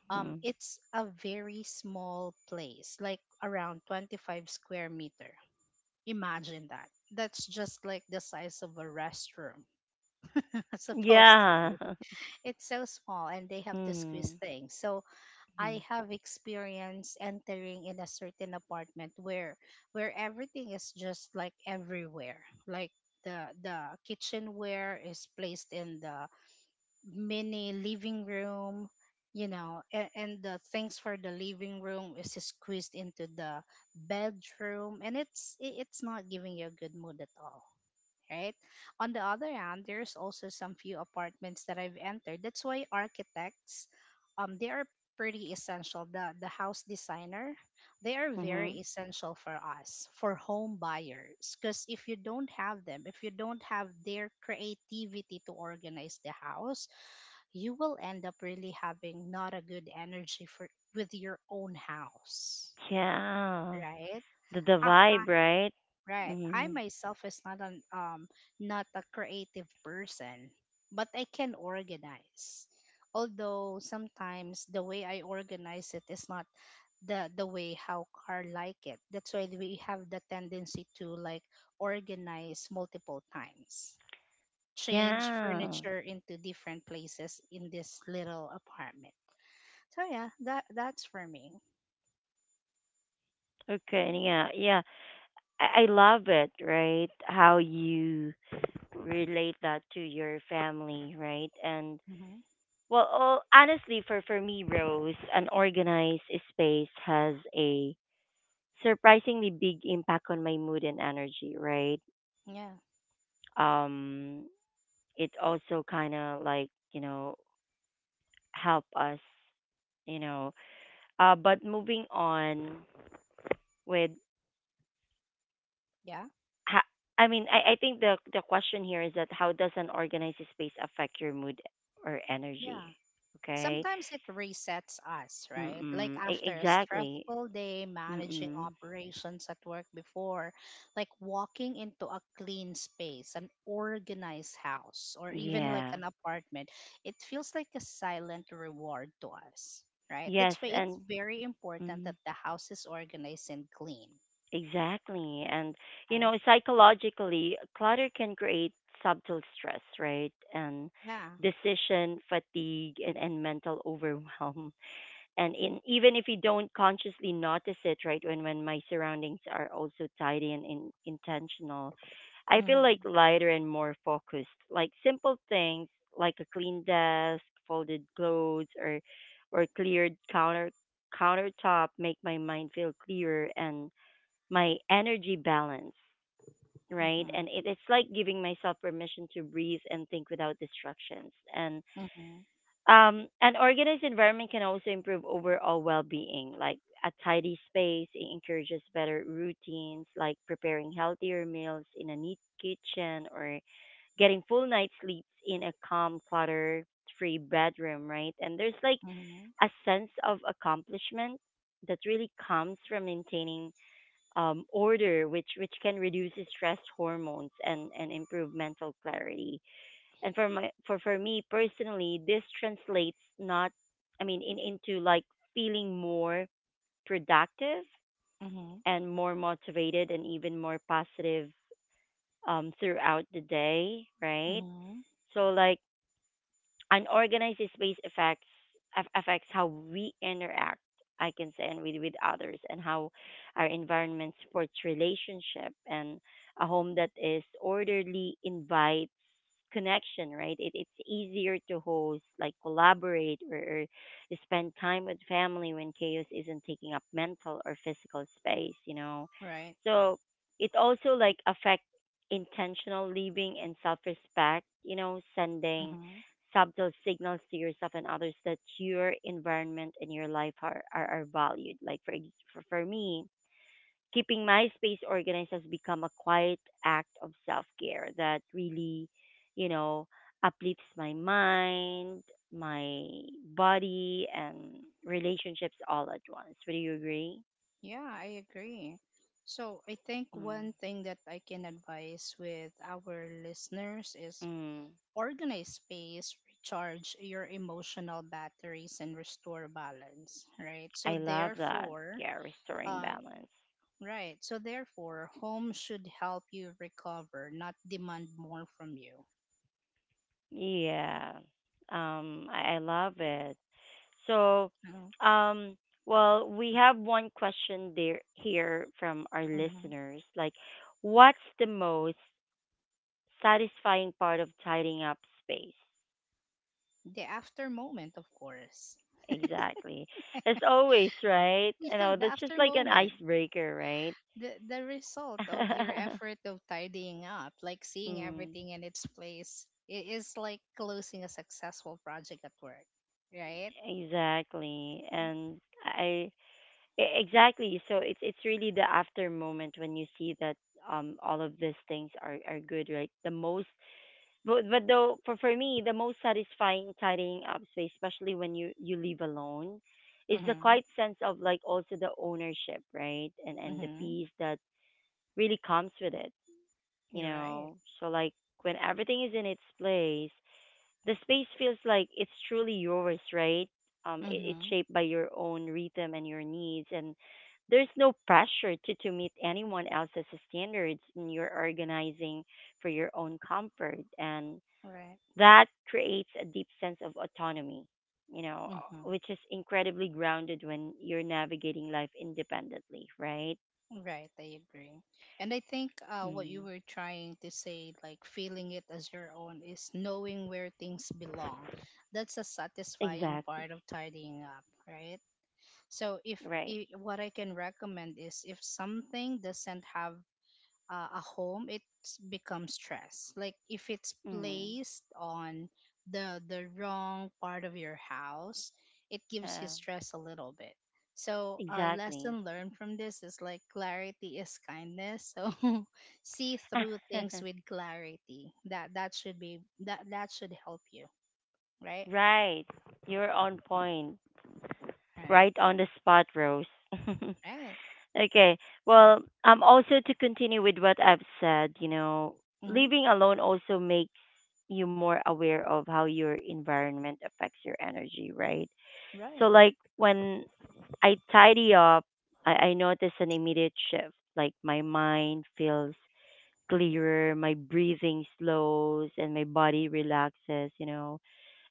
Speaker 2: um
Speaker 1: Mhm.
Speaker 2: it's a very small place, like around twenty-five square meter. Imagine that, that's just like the size of a restroom supposed to
Speaker 1: Yeah.
Speaker 2: be. It's so small and they have to squeeze
Speaker 1: Mhm.
Speaker 2: things. So I
Speaker 1: Mhm.
Speaker 2: have experience entering in a certain apartment where where everything is just like everywhere. Like the the kitchenware is placed in the mini living room, you know. And, and the things for the living room is squeezed into the bedroom, and it's i- it's not giving you a good mood at all, right? On the other hand, there's also some few apartments that I've entered. That's why architects, um they are pretty essential. The the house designer, they are very
Speaker 1: Mhm.
Speaker 2: essential for us, for home buyers, because if you don't have them, if you don't have their creativity to organize the house, you will end up really having not a good energy for, with your own house,
Speaker 1: Yeah.
Speaker 2: right?
Speaker 1: The the
Speaker 2: uh, uh,
Speaker 1: vibe, right?
Speaker 2: right, I
Speaker 1: Mhm.
Speaker 2: myself is not an um not a creative person, but I can organize, although sometimes the way I organize it is not the the way how car like it. That's why we have the tendency to like organize multiple times, change
Speaker 1: Yeah.
Speaker 2: furniture into different places in this little apartment. So yeah, that that's for me.
Speaker 1: Okay, and yeah. Yeah. I, I love it, right? How you relate that to your family, right? And
Speaker 2: Hmm.
Speaker 1: well, all, honestly, for for me, Rose, an organized space has a surprisingly big impact on my mood and energy, right?
Speaker 2: Yeah,
Speaker 1: Um, it also kind of like you know help us you know uh but moving on with
Speaker 2: yeah,
Speaker 1: ha- I mean, I, I think the the question here is that how does an organized space affect your mood or
Speaker 2: yeah.
Speaker 1: energy, okay.
Speaker 2: Sometimes it resets us, right? Like
Speaker 1: Mm-mm. E-
Speaker 2: after a
Speaker 1: exactly.
Speaker 2: stressful day managing
Speaker 1: Mm-mm.
Speaker 2: operations at work before, like walking into a clean space, an organized house, or even like
Speaker 1: Yeah.
Speaker 2: an apartment, it feels like a silent reward to us, right?
Speaker 1: Yes,
Speaker 2: That's why it's
Speaker 1: and
Speaker 2: very important
Speaker 1: mm.
Speaker 2: that the house is organized and clean,
Speaker 1: Exactly. And, you
Speaker 2: right?
Speaker 1: know, psychologically, clutter can create subtle stress, right? And
Speaker 2: Yeah.
Speaker 1: decision fatigue and, and mental overwhelm. And in, even if you don't consciously notice it, right, when, when my surroundings are also tidy and in, intentional, I
Speaker 2: Mm-hmm.
Speaker 1: feel like lighter and more focused. Like simple things like a clean desk, folded clothes, or or cleared counter countertop make my mind feel clearer and my energy balance, right?
Speaker 2: Mm-hmm.
Speaker 1: And it, it's like giving myself permission to breathe and think without distractions. And
Speaker 2: Mm-hmm.
Speaker 1: um, an organized environment can also improve overall well being. Like a tidy space, it encourages better routines, like preparing healthier meals in a neat kitchen or getting full night sleeps in a calm, clutter free bedroom, right? And there's like a sense of accomplishment that really comes from maintaining um, order, which which can reduce stress hormones and and improve mental clarity. And for my for for me personally, this translates not, I mean, in into like feeling more productive
Speaker 2: Mm-hmm.
Speaker 1: and more motivated and even more positive um, throughout the day, right?
Speaker 2: Mm-hmm.
Speaker 1: So like unorganized space affects aff- affects how we interact, I can say, and with with others, and how our environment supports relationship. And a home that is orderly invites connection, right? It, it's easier to host, like collaborate, or, or spend time with family when chaos isn't taking up mental or physical space, you know.
Speaker 2: Right.
Speaker 1: So it also like affects intentional living and self-respect, you know, sending
Speaker 2: Mm-hmm.
Speaker 1: subtle signals to yourself and others that your environment and your life are, are, are valued. Like for, ex- for for me, keeping my space organized has become a quiet act of self care that really, you know, uplifts my mind, my body, and relationships all at once. Would you agree?
Speaker 2: Yeah, I agree. So I think
Speaker 1: Mm.
Speaker 2: one thing that I can advise with our listeners is
Speaker 1: Mm.
Speaker 2: organize space, recharge your emotional batteries, and restore balance. Right. So
Speaker 1: I love that.
Speaker 2: therefore,
Speaker 1: Yeah, restoring
Speaker 2: uh,
Speaker 1: balance.
Speaker 2: right. So therefore, home should help you recover, not demand more from you.
Speaker 1: Yeah. Um, I, I love it. So, um, well, we have one question there here from our
Speaker 2: Mm-hmm.
Speaker 1: listeners. Like, what's the most satisfying part of tidying up space?
Speaker 2: The after moment, of course.
Speaker 1: Exactly. As always, right? You
Speaker 2: Yeah,
Speaker 1: know,
Speaker 2: the
Speaker 1: that's just
Speaker 2: after
Speaker 1: like an
Speaker 2: moment.
Speaker 1: icebreaker, right?
Speaker 2: the the result of your effort of tidying up, like seeing
Speaker 1: Mm,
Speaker 2: everything in its place, it is like closing a successful project at work, right?
Speaker 1: exactly. And I e- exactly. So it's it's really the after moment when you see that um all of these things are are good, right? The most. But but though for for me the most satisfying tidying up space, especially when you you live alone, is the
Speaker 2: Mm-hmm.
Speaker 1: quiet sense of like also the ownership, right? And and the
Speaker 2: Mm-hmm.
Speaker 1: peace that really comes with it, you
Speaker 2: You're right.
Speaker 1: know. So like when everything is in its place, the space feels like it's truly yours, right? Um, it, it's
Speaker 2: Mm-hmm.
Speaker 1: shaped by your own rhythm and your needs, and there's no pressure to to meet anyone else's standards. And you're organizing for your own comfort and
Speaker 2: Right.
Speaker 1: that creates a deep sense of autonomy, you know,
Speaker 2: Mm-hmm.
Speaker 1: which is incredibly grounded when you're navigating life independently, right?
Speaker 2: Right, I agree. And I think, uh, what you
Speaker 1: Mm.
Speaker 2: were trying to say, like feeling it as your own, is knowing where things belong. That's a satisfying
Speaker 1: Exactly.
Speaker 2: part of tidying up, right? So if,
Speaker 1: Right.
Speaker 2: I what I can recommend is if something doesn't have uh, a home, it becomes stress. Like if it's
Speaker 1: Mm.
Speaker 2: placed on the the wrong part of your house, it gives
Speaker 1: Yeah.
Speaker 2: you stress a little bit. So a
Speaker 1: Exactly.
Speaker 2: lesson learned from this is like clarity is kindness. So see through things with clarity. That that should be that that should help you, right?
Speaker 1: Right. You're on point.
Speaker 2: Right.
Speaker 1: Right on the spot, Rose.
Speaker 2: Right.
Speaker 1: Okay. Well, um, also to continue with what I've said, you know,
Speaker 2: Mm-hmm.
Speaker 1: living alone also makes you more aware of how your environment affects your energy, right? So,
Speaker 2: Right.
Speaker 1: like when I tidy up, I, I notice an immediate shift. Like my mind feels clearer, my breathing slows, and my body relaxes, you know,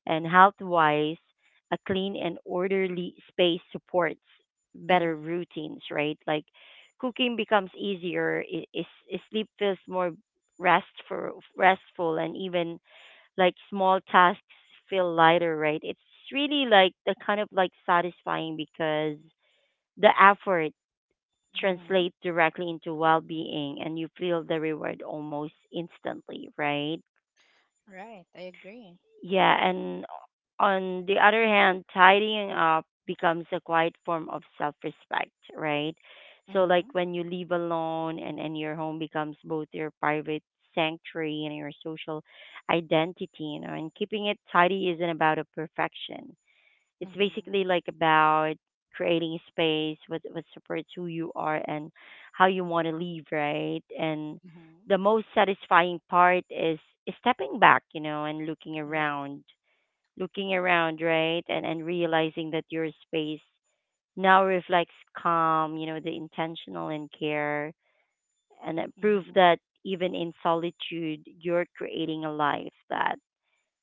Speaker 1: and health wise, a clean and orderly space supports better
Speaker 2: Mm-hmm.
Speaker 1: routines, right? Like cooking becomes easier, i- is is sleep feels more restful, restful, and even like small tasks feel lighter, right? It's really like the kind of like satisfying because the effort
Speaker 2: Mm-hmm.
Speaker 1: translates directly into well being and you feel the reward almost instantly, right?
Speaker 2: Right, I agree.
Speaker 1: Yeah, and on the other hand, tidying up becomes a quiet form of self respect, right? So,
Speaker 2: Mm-hmm.
Speaker 1: like when you live alone and, and your home becomes both your private sanctuary and your social identity, you know, and keeping it tidy isn't about a perfection, it's
Speaker 2: Mm-hmm.
Speaker 1: basically like about creating space what what supports who you are and how you want to live, right? And
Speaker 2: Mm-hmm.
Speaker 1: the most satisfying part is is stepping back, you know, and looking
Speaker 2: Right.
Speaker 1: around, looking around, right? And and realizing that your space now reflects calm, you know, the intentional and care, and that proof
Speaker 2: Mm-hmm.
Speaker 1: that even in solitude, you're creating a life that,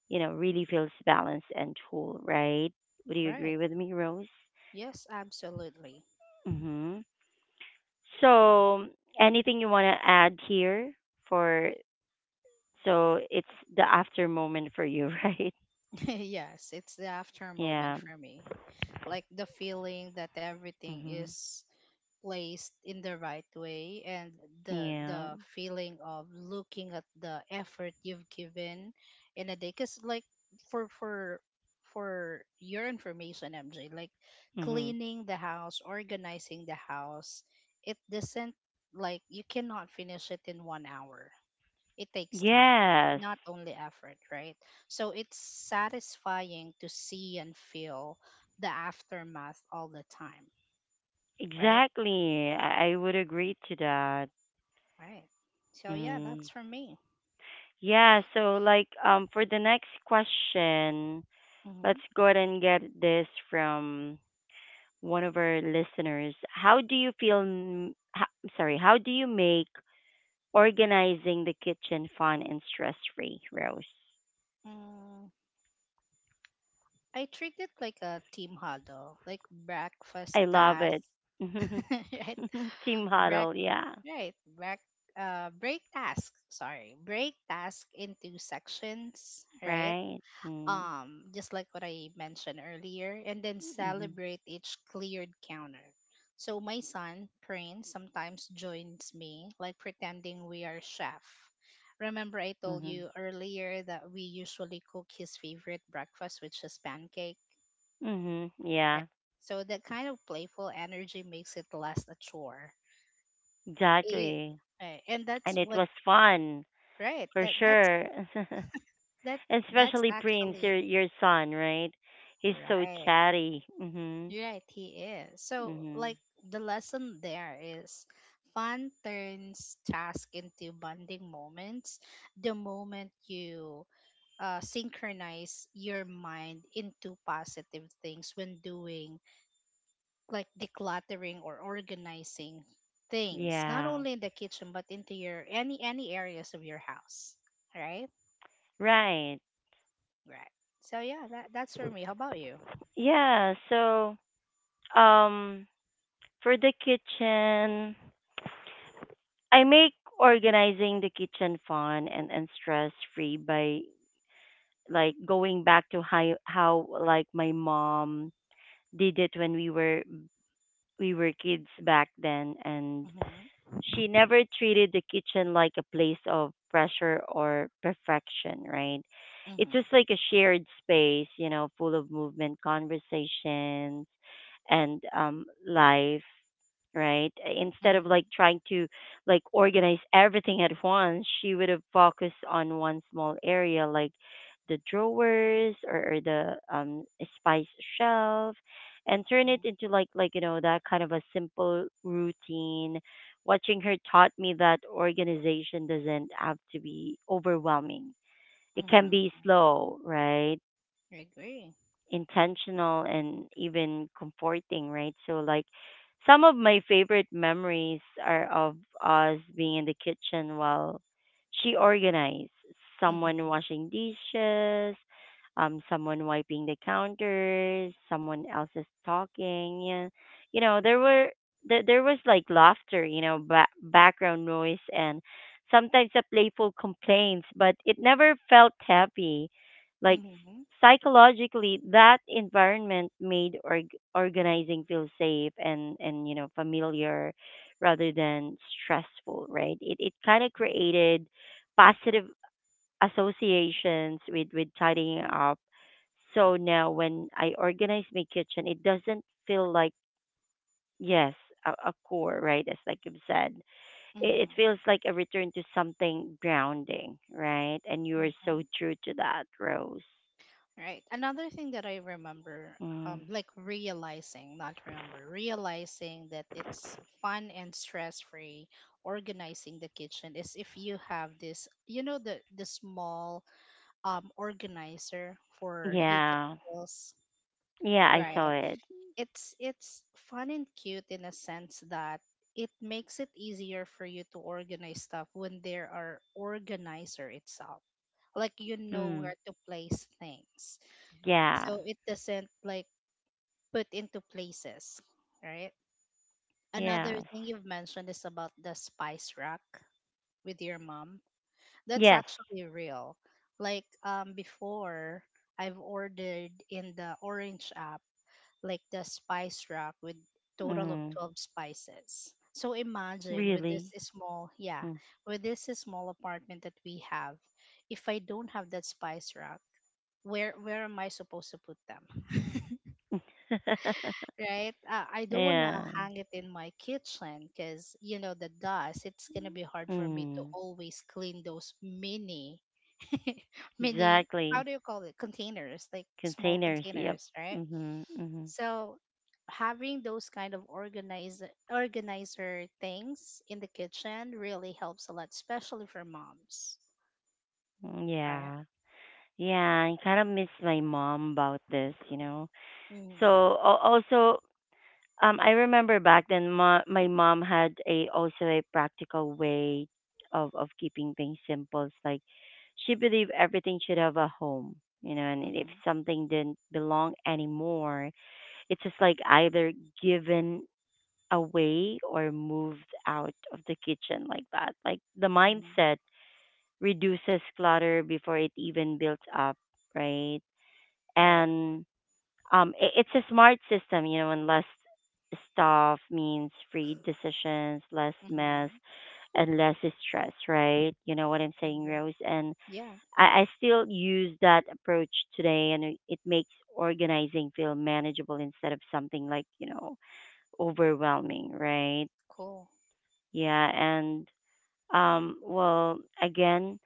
Speaker 1: you know, really feels balanced and full, right? Would you agree
Speaker 2: Right.
Speaker 1: with me, Rose?
Speaker 2: Yes, absolutely.
Speaker 1: Mm-hmm. So, anything you want to add here for so it's the after moment for you, right?
Speaker 2: Yes, it's the after
Speaker 1: Yeah.
Speaker 2: moment for me. Like the feeling that everything
Speaker 1: Mhm.
Speaker 2: is placed in the right way, and the
Speaker 1: Yeah.
Speaker 2: the feeling of looking at the effort you've given in a day, because like for for for your information, MJ, like
Speaker 1: Mhm.
Speaker 2: cleaning the house, organizing the house, it doesn't, like you cannot finish it in one hour. It takes time,
Speaker 1: Yes.
Speaker 2: not only effort, right? So it's satisfying to see and feel the aftermath all the time, right?
Speaker 1: Exactly. I, I would agree to that.
Speaker 2: Right. So yeah, that's
Speaker 1: Mhm.
Speaker 2: for me.
Speaker 1: Yeah, so like um for the next question,
Speaker 2: Mm-hmm.
Speaker 1: let's go ahead and get this from one of our listeners. How do you feel m- ho- I'm sorry, how do you make organizing the kitchen fun and stress free, Rose.
Speaker 2: Mm, I treat it like a team huddle, like breakfast
Speaker 1: I love
Speaker 2: task,
Speaker 1: it.
Speaker 2: right?
Speaker 1: Team
Speaker 2: Break,
Speaker 1: huddle, yeah.
Speaker 2: right? Break, uh, break task. Sorry, break task into sections, right?
Speaker 1: Right. Mm.
Speaker 2: um just like what I mentioned earlier, and then
Speaker 1: Mhm.
Speaker 2: celebrate each cleared counter. So my son, Prince, sometimes joins me, like pretending we are chef. Remember I told
Speaker 1: Mhm.
Speaker 2: you earlier that we usually cook his favorite breakfast, which is pancake,
Speaker 1: Mhm.
Speaker 2: right?
Speaker 1: Yeah.
Speaker 2: So that kind of playful energy makes it less a chore. It,
Speaker 1: Exactly.
Speaker 2: right, and that's
Speaker 1: And it
Speaker 2: what,
Speaker 1: was fun
Speaker 2: right.
Speaker 1: for
Speaker 2: That that's
Speaker 1: sure.
Speaker 2: that that's
Speaker 1: Especially Prince,
Speaker 2: actually
Speaker 1: your your son, right? He's so
Speaker 2: right.
Speaker 1: chatty. Mhm.
Speaker 2: You're right, he is. So, like,
Speaker 1: Mhm.
Speaker 2: the lesson there is, fun turns task into bonding moments, the moment you uh, synchronize your mind into positive things when doing like decluttering or organizing things, not
Speaker 1: Yeah.
Speaker 2: only in the kitchen but into your any any areas of your house, right?
Speaker 1: Right.
Speaker 2: Right. So yeah, that, that's for me. How about you?
Speaker 1: Yeah, so um for the kitchen I make organizing the kitchen fun and, and stress free by like going back to how how like my mom did it when we were we were kids back then and
Speaker 2: Mm-hmm,
Speaker 1: she never treated the kitchen like a place of pressure or perfection, right? It's
Speaker 2: mm-hmm,
Speaker 1: just like a shared space, you know, full of movement, conversations, and um, life, right? Instead
Speaker 2: mm-hmm,
Speaker 1: of
Speaker 2: mm-hmm,
Speaker 1: like trying to like organize everything at once, she would have focused on one small area like the drawers or, or the um, spice shelf and turn it
Speaker 2: mm-hmm.
Speaker 1: into like like you know that kind of a simple routine. Watching her taught me that organization doesn't have to be overwhelming. It can
Speaker 2: Mm-hmm.
Speaker 1: be slow, right?
Speaker 2: I agree.
Speaker 1: Intentional and even comforting, right? So like some of my favorite memories are of us being in the kitchen while she organized, someone
Speaker 2: Mhm.
Speaker 1: washing dishes, um, someone wiping the counters, someone else is talking. Yeah. You know, there were there, there was like laughter, you know, ba- background noise and sometimes a playful complaints, but it never felt happy like.
Speaker 2: Mhm.
Speaker 1: Psychologically, that environment made org- organizing feel safe and and you know familiar rather than stressful, right? It it kind of
Speaker 2: Right.
Speaker 1: created positive associations with with tidying up. So now when I organize my kitchen, it doesn't feel like, yes, a, a core, right? As like you've said, it, it
Speaker 2: Mhm.
Speaker 1: feels like a return to something grounding, right? And you are so
Speaker 2: Mhm.
Speaker 1: true to that, Rose.
Speaker 2: Right. Another thing that I remember, um,
Speaker 1: Mm.
Speaker 2: like realizing, not remember, realizing that it's fun and stress free organizing the kitchen is if you have this, you know, the the small um organizer for
Speaker 1: Yeah.
Speaker 2: utensils,
Speaker 1: Yeah, I
Speaker 2: right?
Speaker 1: saw it.
Speaker 2: it's it's fun and cute in a sense that it makes it easier for you to organize stuff when there are organizer itself, like you know
Speaker 1: Mm.
Speaker 2: where to place things,
Speaker 1: Yeah.
Speaker 2: so it doesn't like put into places, right? Another
Speaker 1: Yes.
Speaker 2: thing you've mentioned is about the spice rack with your mom. That's
Speaker 1: Yes.
Speaker 2: actually real. Like, um before I've ordered in the orange app, like the spice rack with total of
Speaker 1: Mm.
Speaker 2: twelve spices. So imagine with this
Speaker 1: Really.
Speaker 2: small, yeah,
Speaker 1: Mm.
Speaker 2: with this small apartment that we have, if I don't have that spice rack, where where am I supposed to put them? Right? Uh, I don't want to
Speaker 1: Yeah.
Speaker 2: hang it in my kitchen cuz you know the dust, it's going to be hard for me to
Speaker 1: Mm.
Speaker 2: always clean those mini mini, how
Speaker 1: Exactly.
Speaker 2: do you call it, containers, like small
Speaker 1: Containers. Yep.
Speaker 2: containers, right?
Speaker 1: Mhm. Mhm.
Speaker 2: So having those kind of organize organizer things in the kitchen really helps a lot, especially for moms.
Speaker 1: Mm,
Speaker 2: All right?
Speaker 1: yeah. Yeah. I kind of miss my mom about this, you know.
Speaker 2: Mm-hmm.
Speaker 1: So al- also, Um, I remember back then, ma- my mom had a also a practical way of of keeping things simple. It's like she believed everything should have a home, you know, and if
Speaker 2: Mm-hmm.
Speaker 1: something didn't belong anymore, it's just like either given away or moved out of the kitchen like that. Like the
Speaker 2: Mm-hmm.
Speaker 1: mindset reduces clutter before it even builds up, right?
Speaker 2: Right.
Speaker 1: And um, I it's a smart system, you know, and less stuff means free decisions, less mess,
Speaker 2: Mm-hmm.
Speaker 1: and less stress, right? You know what I'm saying,
Speaker 2: Agree.
Speaker 1: Rose? And
Speaker 2: Yeah.
Speaker 1: I, I still use that approach today, and it it makes organizing feel manageable instead of something like, you know, overwhelming, right?
Speaker 2: Cool.
Speaker 1: Yeah, and um, well, again,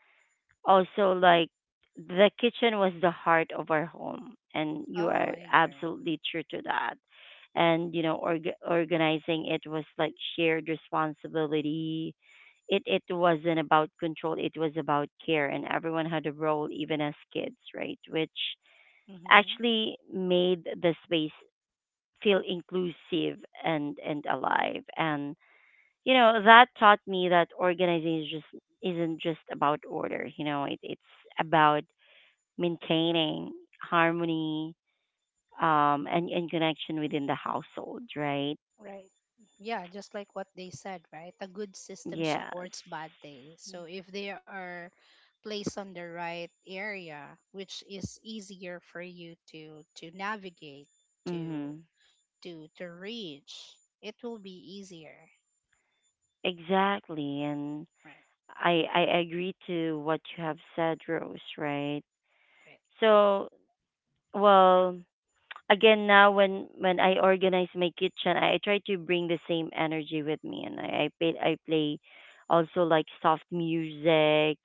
Speaker 1: also like the kitchen was the heart of our home, and you
Speaker 2: Oh,
Speaker 1: are
Speaker 2: I agree.
Speaker 1: absolutely true to that. And you know, org- organizing it was like shared responsibility. It it wasn't about control, it was about care, and everyone had a role even as kids, right? Which
Speaker 2: Mm-hmm.
Speaker 1: actually made the space feel inclusive and and alive. And you know that taught me that organizing is just isn't just about order, you know, it, it's about maintaining harmony, um, and, and connection within the household, right?
Speaker 2: Right. Yeah, just like what they said, right? A good system
Speaker 1: Yes.
Speaker 2: supports bad days. So if they are placed on the right area, which is easier for you to to navigate, to
Speaker 1: Mm-hmm.
Speaker 2: to to reach, it will be easier.
Speaker 1: Exactly. And
Speaker 2: Right.
Speaker 1: I, I agree to what you have said, Rose, right?
Speaker 2: Right.
Speaker 1: So, well, again, now when, when I organize my kitchen, I, I try to bring the same energy with me. And I, I, play, I play also like soft music,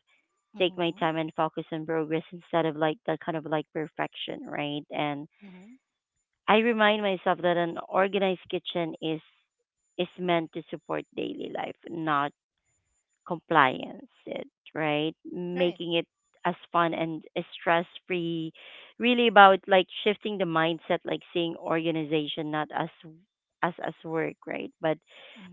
Speaker 1: take my
Speaker 2: Mhm.
Speaker 1: time and focus on progress instead of like that kind of like perfection, right? And
Speaker 2: Mhm.
Speaker 1: I remind myself that an organized kitchen is is meant to support daily life, not compliance it, right,
Speaker 2: Right.
Speaker 1: making it as fun and stress free, really about like shifting the mindset, like seeing organization not as as as work, right, but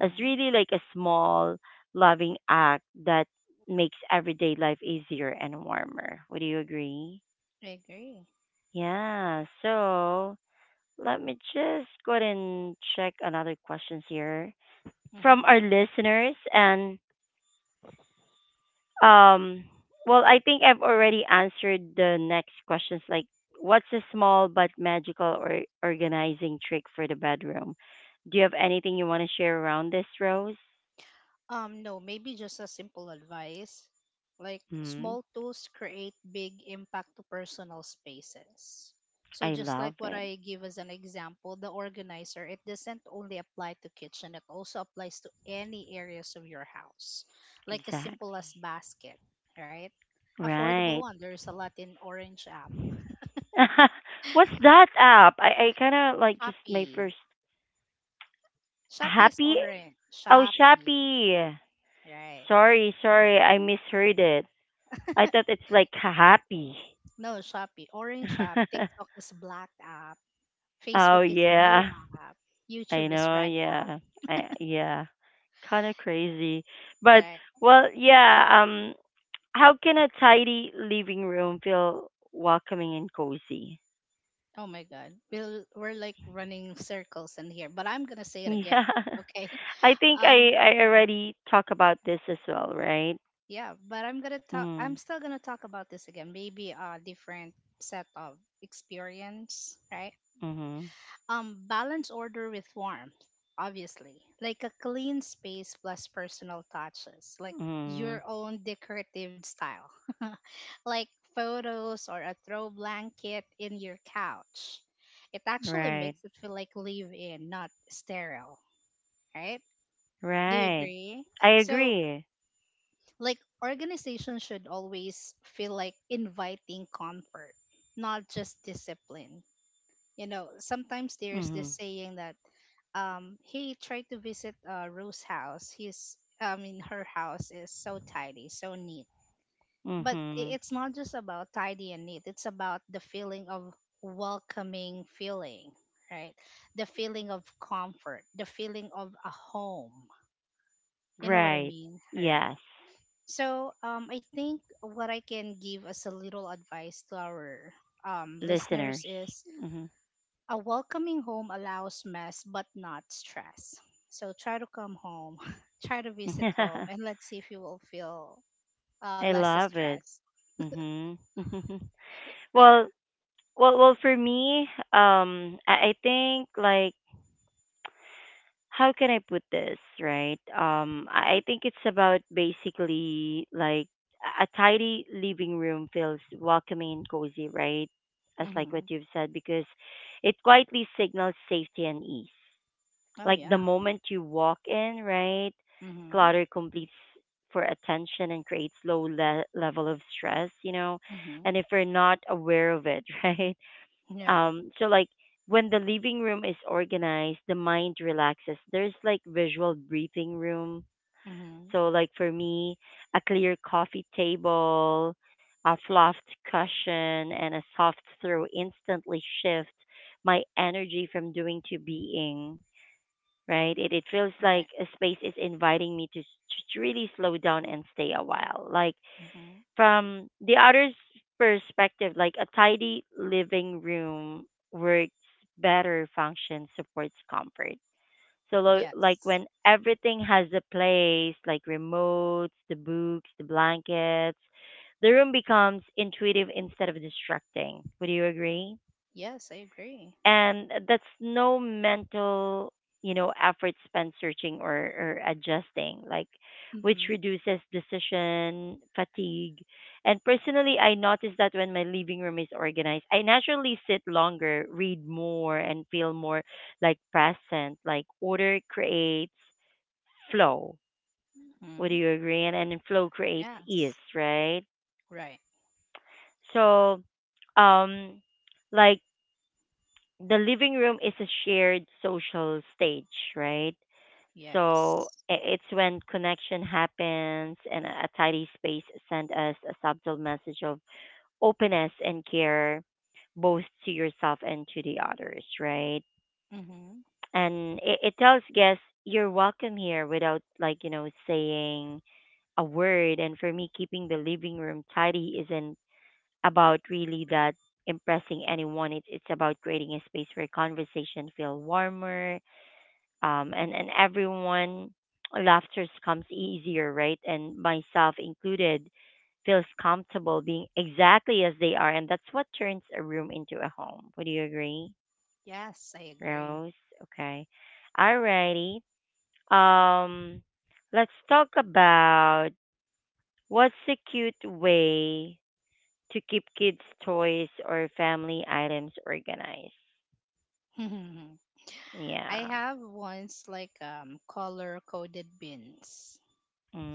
Speaker 1: as really like a small loving act that makes everyday life easier and warmer. Would you agree?
Speaker 2: I agree.
Speaker 1: Yeah, so let me just go ahead and check another questions here
Speaker 2: Mhm.
Speaker 1: from our listeners. And Um, well, I think I've already answered the next questions. Like, what's a small but magical or organizing trick for the bedroom? Do you have anything you want to share around this, Rose?
Speaker 2: Um, no, maybe just a simple advice. Like,
Speaker 1: Hmm.
Speaker 2: small tools create big impact to personal spaces. So
Speaker 1: I
Speaker 2: just
Speaker 1: love
Speaker 2: like what
Speaker 1: it.
Speaker 2: I give as an example, the organizer, it doesn't only apply to kitchen, it also applies to any areas of your house. Like as simple as
Speaker 1: Exactly.
Speaker 2: basket, right? Affordable
Speaker 1: Right.
Speaker 2: one. There's a lot in orange app.
Speaker 1: What's that app? I, I kind of like just my
Speaker 2: Shopee.
Speaker 1: first
Speaker 2: Shopee is
Speaker 1: happy.
Speaker 2: orange.
Speaker 1: Oh,
Speaker 2: Shopee.
Speaker 1: Shopee.
Speaker 2: Right.
Speaker 1: Sorry, sorry, I misheard it. I thought it's like happy.
Speaker 2: No, Shopee. Orange app. TikTok is black app.
Speaker 1: Oh
Speaker 2: Facebook is blue
Speaker 1: yeah.
Speaker 2: app.
Speaker 1: I
Speaker 2: YouTube is
Speaker 1: know,
Speaker 2: red app.
Speaker 1: yeah. I, yeah. Kind of crazy. But
Speaker 2: Right?
Speaker 1: well, yeah, um how can a tidy living room feel welcoming and cozy?
Speaker 2: Oh my God. We'll, we're like running circles in here, but I'm going to say it again.
Speaker 1: Yeah.
Speaker 2: Okay.
Speaker 1: I think
Speaker 2: Um,
Speaker 1: I I already talked about this as well, right?
Speaker 2: yeah, but I'm going to talk, I'm
Speaker 1: Mm.
Speaker 2: still going to talk about this again. Maybe a different set of experience, right?
Speaker 1: Mhm.
Speaker 2: Um, balance order with warmth, obviously. Like a clean space plus personal touches, like
Speaker 1: Mhm.
Speaker 2: your own decorative style, like photos or a throw blanket in your couch. It actually
Speaker 1: Right.
Speaker 2: makes it feel like live in, not sterile, right? Do you
Speaker 1: Right.
Speaker 2: agree?
Speaker 1: I
Speaker 2: So,
Speaker 1: agree.
Speaker 2: like, organization should always feel like inviting comfort, not just discipline. You know, sometimes there's this
Speaker 1: Mhm.
Speaker 2: saying that um he tried to visit uh Rose house. His, I mean, her house is so tidy, so neat. But i-
Speaker 1: Mhm.
Speaker 2: it's not just about tidy and neat. It's about the feeling of welcoming feeling, right? The feeling of comfort, the feeling of a home. You know what I
Speaker 1: Right.
Speaker 2: mean? Right.
Speaker 1: Yes.
Speaker 2: So um I think what I can give as a little advice to our um listeners
Speaker 1: Listeners.
Speaker 2: is,
Speaker 1: Mhm.
Speaker 2: a welcoming home allows mess but not stress. So try to come home, try to visit home, and let's see if you will feel uh,
Speaker 1: I
Speaker 2: less
Speaker 1: love it.
Speaker 2: stress.
Speaker 1: Mhm. well,
Speaker 2: Yeah.
Speaker 1: well, well. For me, um, I, I think like how can I put this, right? Um, I, I think it's about basically like a a tidy living room feels welcoming and cozy, right? As like what
Speaker 2: Mm-hmm.
Speaker 1: you've said, because it quietly signals safety and ease.
Speaker 2: Oh,
Speaker 1: Like the
Speaker 2: yeah.
Speaker 1: moment you walk in, right?
Speaker 2: Mm-hmm.
Speaker 1: Clutter completes for attention and creates low le- level of stress, you know,
Speaker 2: Mm-hmm.
Speaker 1: and if we're not aware of it, right?
Speaker 2: Yeah.
Speaker 1: Um, so like when the living room is organized, the mind relaxes. There's like visual breathing room.
Speaker 2: Mm-hmm.
Speaker 1: So like for me, a clear coffee table, a fluffed cushion, and a soft throw instantly shift my energy from doing to being, right? It, it feels like
Speaker 2: Right.
Speaker 1: a space is inviting me to, s- to really slow down and stay a while. Like
Speaker 2: Mm-hmm.
Speaker 1: from the other's perspective, like a tidy living room works better, function supports comfort. So lo- like
Speaker 2: Yes.
Speaker 1: when everything has a place, like remotes, the books, the blankets, the room becomes intuitive instead of distracting. Would you agree?
Speaker 2: Yes, I agree.
Speaker 1: And that's no mental, you know, effort spent searching or, or adjusting, like, which
Speaker 2: Mm-hmm.
Speaker 1: reduces decision fatigue. And personally, I notice that when my living room is organized, I naturally sit longer, read more, and feel more like present. Like order creates flow. Would
Speaker 2: Mm-hmm.
Speaker 1: you agree? And, and flow creates ease,
Speaker 2: Yes.
Speaker 1: right?
Speaker 2: Right.
Speaker 1: So um like the living room is a shared social stage, right?
Speaker 2: Yes.
Speaker 1: So i- it's when connection happens, and a a tidy space send us a subtle message of openness and care, both to yourself and to the others, right?
Speaker 2: Mm-hmm.
Speaker 1: And it, it tells guests you're welcome here without like, you know, saying a word. And for me, keeping the living room tidy isn't about really that impressing anyone. It's it's about creating a space where conversation feel warmer, um, and and everyone laughter comes easier, right? And myself included, feels comfortable being exactly as they are, and that's what turns a room into a home. Would you agree,
Speaker 2: Yes, I agree.
Speaker 1: Rose? Okay, alrighty. Um, let's talk about what's a cute way to keep kids' toys or family items organized.
Speaker 2: I
Speaker 1: Yeah.
Speaker 2: have once like um color coded bins.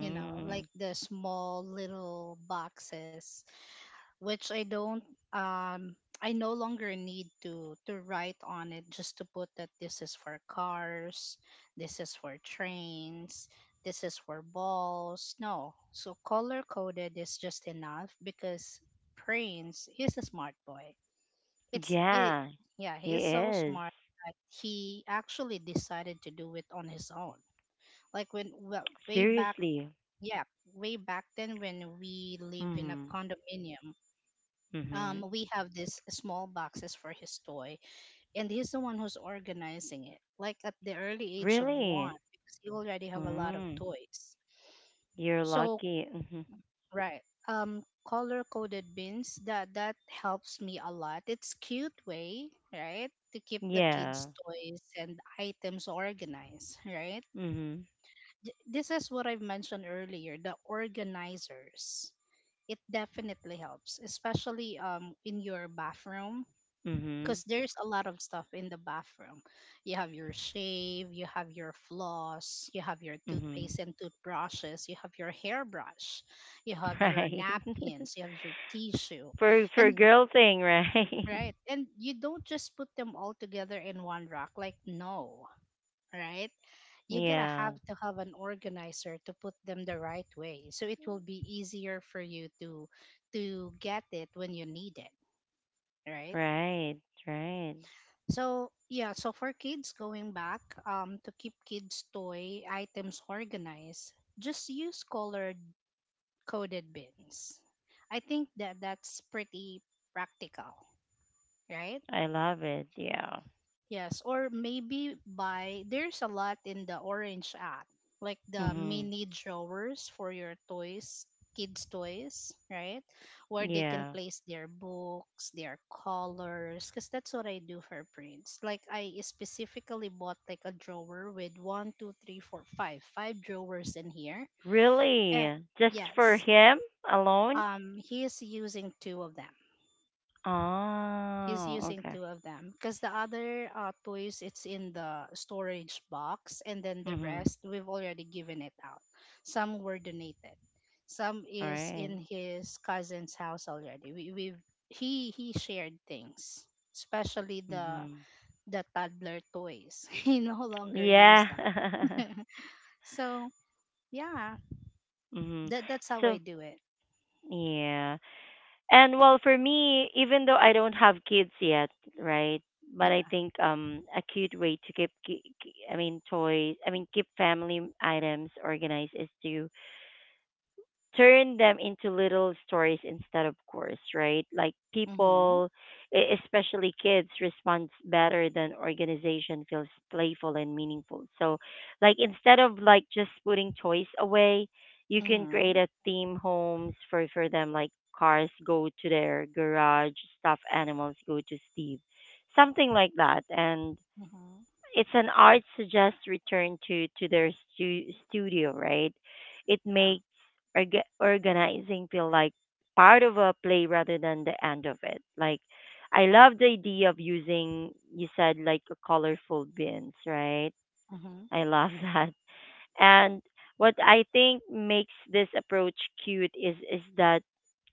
Speaker 2: You know, like the small little boxes, which I don't, um, I no longer need to to write on it just to put that this is for cars, this is for trains, this is for balls. No, so color coded is just enough because Prince is a smart boy. It's it,
Speaker 1: Yeah,
Speaker 2: yeah, he
Speaker 1: he
Speaker 2: is so
Speaker 1: is.
Speaker 2: smart that he actually decided to do it on his own, like when, well, way back,
Speaker 1: Seriously.
Speaker 2: yeah, way back then when we live in a
Speaker 1: Mhm.
Speaker 2: condominium, um,
Speaker 1: Mhm.
Speaker 2: we have these small boxes for his toy, and he's the one who's organizing it. Like at the early age of one,
Speaker 1: Really?
Speaker 2: because he already have a lot of
Speaker 1: Mm.
Speaker 2: toys.
Speaker 1: You're
Speaker 2: So
Speaker 1: lucky. Mhm.
Speaker 2: right, um, color coded bins, that that helps me a lot. It's cute way, right, to keep the kids'
Speaker 1: Yeah.
Speaker 2: toys and items organized, right?
Speaker 1: Mhm.
Speaker 2: Th- This is what I've mentioned earlier, the organizers, it definitely helps, especially um in your bathroom
Speaker 1: Mhm.
Speaker 2: because there's a lot of stuff in the bathroom. You have your shave, you have your floss, you have your
Speaker 1: Mhm.
Speaker 2: toothpaste and toothbrushes, you have your hairbrush, you have your
Speaker 1: Right.
Speaker 2: napkins, you have your tissue.
Speaker 1: for for
Speaker 2: And
Speaker 1: girl thing, right?
Speaker 2: right, and you don't just put them all together in one rack like no, right? You're gonna
Speaker 1: Yeah.
Speaker 2: have to have an organizer to put them the right way so it will be easier for you to to get it when you need it, right?
Speaker 1: Right. Right.
Speaker 2: So yeah, so for kids, going back um to keep kids toy items organized, just use colored coded bins. I think that that's pretty practical, right?
Speaker 1: I love it. Yeah.
Speaker 2: Yes, or maybe buy. There's a lot in the Orange app, like the
Speaker 1: Mhm.
Speaker 2: mini drawers for your toys, kids' toys, right? Where they can
Speaker 1: Yeah.
Speaker 2: place their books, their colors, because that's what I do for prints. Like, I specifically bought like a drawer with one, two, three, four, five, five drawers in here. And
Speaker 1: Really? Just for
Speaker 2: yes,
Speaker 1: him alone?
Speaker 2: um, he is using two of them. he's
Speaker 1: Oh,
Speaker 2: using
Speaker 1: okay.
Speaker 2: two of them because the other uh, toys it's in the storage box, and then the
Speaker 1: Mhm.
Speaker 2: rest we've already given it out. Some were donated, some is
Speaker 1: Right.
Speaker 2: in his cousin's house already. We, we've he he shared things, especially the
Speaker 1: Mhm.
Speaker 2: the toddler toys. He no longer
Speaker 1: Yeah.
Speaker 2: use that. So yeah,
Speaker 1: Mhm.
Speaker 2: that that's how I
Speaker 1: So,
Speaker 2: do it.
Speaker 1: yeah. And well, for me, even though I don't have kids yet, right? But I
Speaker 2: Yeah.
Speaker 1: think um a cute way to keep, ki- ki- I mean toys, I mean keep family items organized is to turn them into little stories instead of course, right? Like
Speaker 2: Mm-hmm.
Speaker 1: people, e- especially kids, responds better than organization feels playful and meaningful. So like instead of like just putting toys away, you can create
Speaker 2: Mm-hmm.
Speaker 1: a theme homes for for them, like cars go to their garage, stuffed animals go to Steve, something like that. And
Speaker 2: Mm-hmm.
Speaker 1: it's an art suggest return to to their stu- studio, right? It
Speaker 2: Yeah.
Speaker 1: makes orga- organizing feel like part of a play rather than the end of it. Like I love the idea of using, you said, like a colorful bins, right?
Speaker 2: Mm-hmm.
Speaker 1: I love that. And what I think makes this approach cute is is that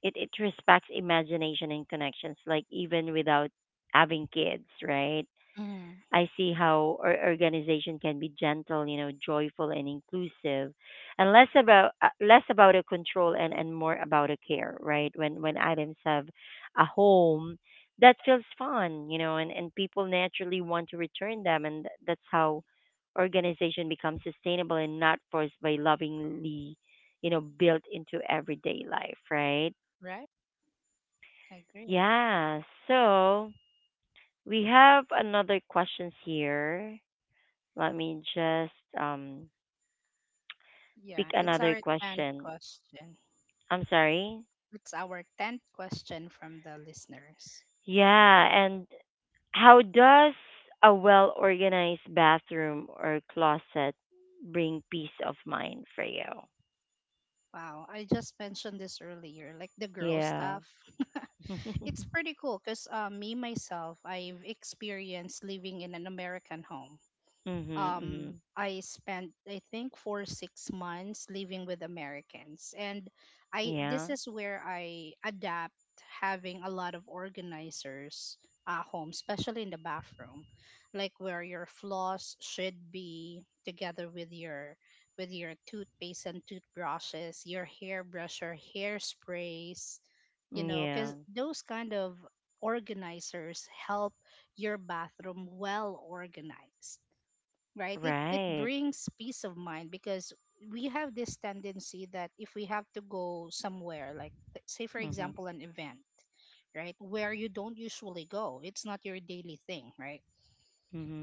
Speaker 1: it, it respects imagination and connections, like even without having kids, right?
Speaker 2: Mm-hmm.
Speaker 1: I see how our organization can be gentle, you know, joyful and inclusive, and less about uh, less about a control and and more about a care, right? When when items have a home, that feels fun, you know, and and people naturally want to return them, and th- that's how organization becomes sustainable and not forced by lovingly, you know, built into everyday life, right?
Speaker 2: Right. I agree.
Speaker 1: Yeah. So we have another questions here. Let me just um pick
Speaker 2: Yeah, it's
Speaker 1: another
Speaker 2: our tenth
Speaker 1: question.
Speaker 2: question.
Speaker 1: I'm sorry.
Speaker 2: It's our tenth question from the listeners.
Speaker 1: Yeah, and how does a well organized bathroom or closet bring peace of mind for you?
Speaker 2: Wow, I just mentioned this earlier, like the girl
Speaker 1: Yeah.
Speaker 2: stuff. It's
Speaker 1: Mhm.
Speaker 2: pretty cool because uh, me myself, I've experienced living in an American home. um
Speaker 1: Mhm.
Speaker 2: I spent I think for six months living with Americans, and I, this
Speaker 1: Yeah.
Speaker 2: is where I adapt having a lot of organizers at home, especially in the bathroom. Like where your floss should be together with your with your toothpaste and toothbrushes, your hairbrush or hairsprays, you know, because
Speaker 1: Yeah.
Speaker 2: those kind of organizers help your bathroom well organized, right? it it
Speaker 1: Right.
Speaker 2: brings peace of mind because we have this tendency that if we have to go somewhere, like th- say for
Speaker 1: Mhm.
Speaker 2: example an event, right, where you don't usually go, it's not your daily thing, right?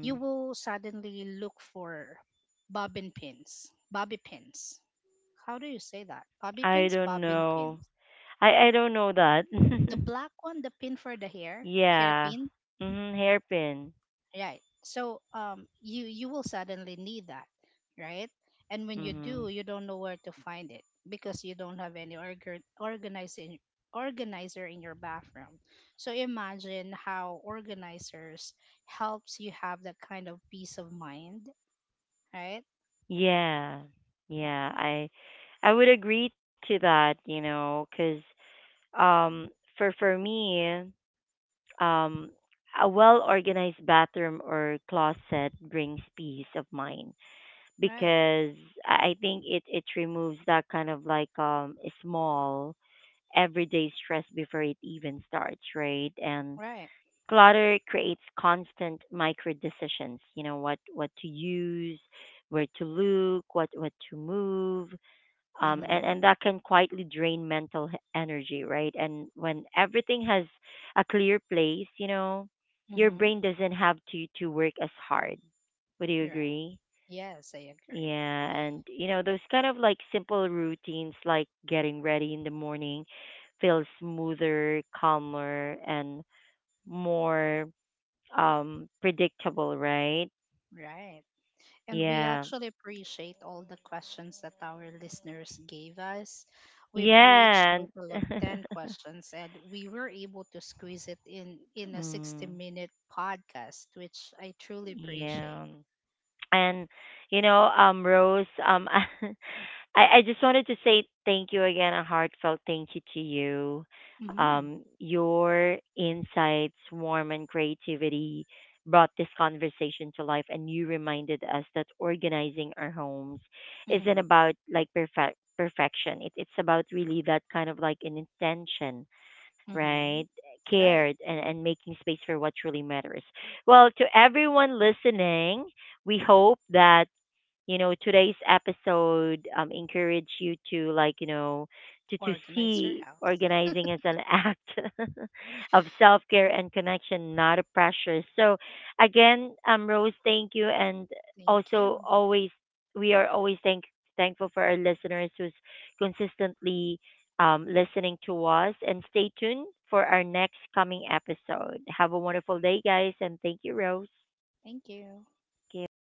Speaker 2: You will suddenly look for bobbin pins, bobby pins, how do you say that, bobby
Speaker 1: I
Speaker 2: pins,
Speaker 1: don't
Speaker 2: bobbin
Speaker 1: know.
Speaker 2: pins,
Speaker 1: I I don't know that.
Speaker 2: the black one, the pin for the hair,
Speaker 1: Yeah.
Speaker 2: hairpin.
Speaker 1: Mhm. Hairpin.
Speaker 2: Right. So um you you will suddenly need that, right? And when you do,
Speaker 1: Mhm.
Speaker 2: you don't know where to find it because you don't have any organ- organizing organizer in your bathroom. So imagine how organizers helps you have that kind of peace of mind, right?
Speaker 1: Yeah,
Speaker 2: Yeah.
Speaker 1: yeah, I I would agree to that, you know, cause um for for me, um a well-organized bathroom or closet brings peace of mind
Speaker 2: Right.
Speaker 1: because I I think it it removes that kind of like um small everyday stress before it even starts, right? And
Speaker 2: Right.
Speaker 1: clutter creates constant micro decisions, you know, what what to use, where to look, what what to move, um, and
Speaker 2: Mhm.
Speaker 1: and that can quietly drain mental h- energy, right? And when everything has a clear place, you know, your
Speaker 2: Mhm.
Speaker 1: brain doesn't have to to work as hard. Would you
Speaker 2: Right.
Speaker 1: agree?
Speaker 2: Yes, I agree.
Speaker 1: Yeah. And you know, those kind of like simple routines like getting ready in the morning feel smoother, calmer, and more um predictable, right?
Speaker 2: Right. And we
Speaker 1: Yeah.
Speaker 2: actually appreciate all the questions that our listeners gave us. We've reached
Speaker 1: Yeah.
Speaker 2: total of ten questions, and we were able to squeeze it in in a sixty
Speaker 1: Mm,
Speaker 2: minute podcast, which I truly appreciate.
Speaker 1: yeah. And you know, um, Rose, um, I, I just wanted to say thank you again, a heartfelt thank you to you.
Speaker 2: Mhm.
Speaker 1: Um, your insights, warmth, and creativity brought this conversation to life, and you reminded us that organizing our homes isn't
Speaker 2: Mhm.
Speaker 1: about like perfect perfection. It, it's about really that kind of like an intention, right?
Speaker 2: Mhm.
Speaker 1: Cared
Speaker 2: Right.
Speaker 1: and, and making space for what truly matters. Well, to everyone listening, we hope that you know today's episode um encourage you to like you know to to
Speaker 2: Organize your
Speaker 1: see
Speaker 2: house.
Speaker 1: organizing as an act of self-care and connection, not a pressure. So again, um Rose, thank you. And
Speaker 2: Thank
Speaker 1: also
Speaker 2: you.
Speaker 1: always, we are always thank thankful for our listeners who's consistently um, listening to us. And stay tuned for our next coming episode. Have a wonderful day, guys, and thank you, Rose.
Speaker 2: Thank you.
Speaker 1: Thank you.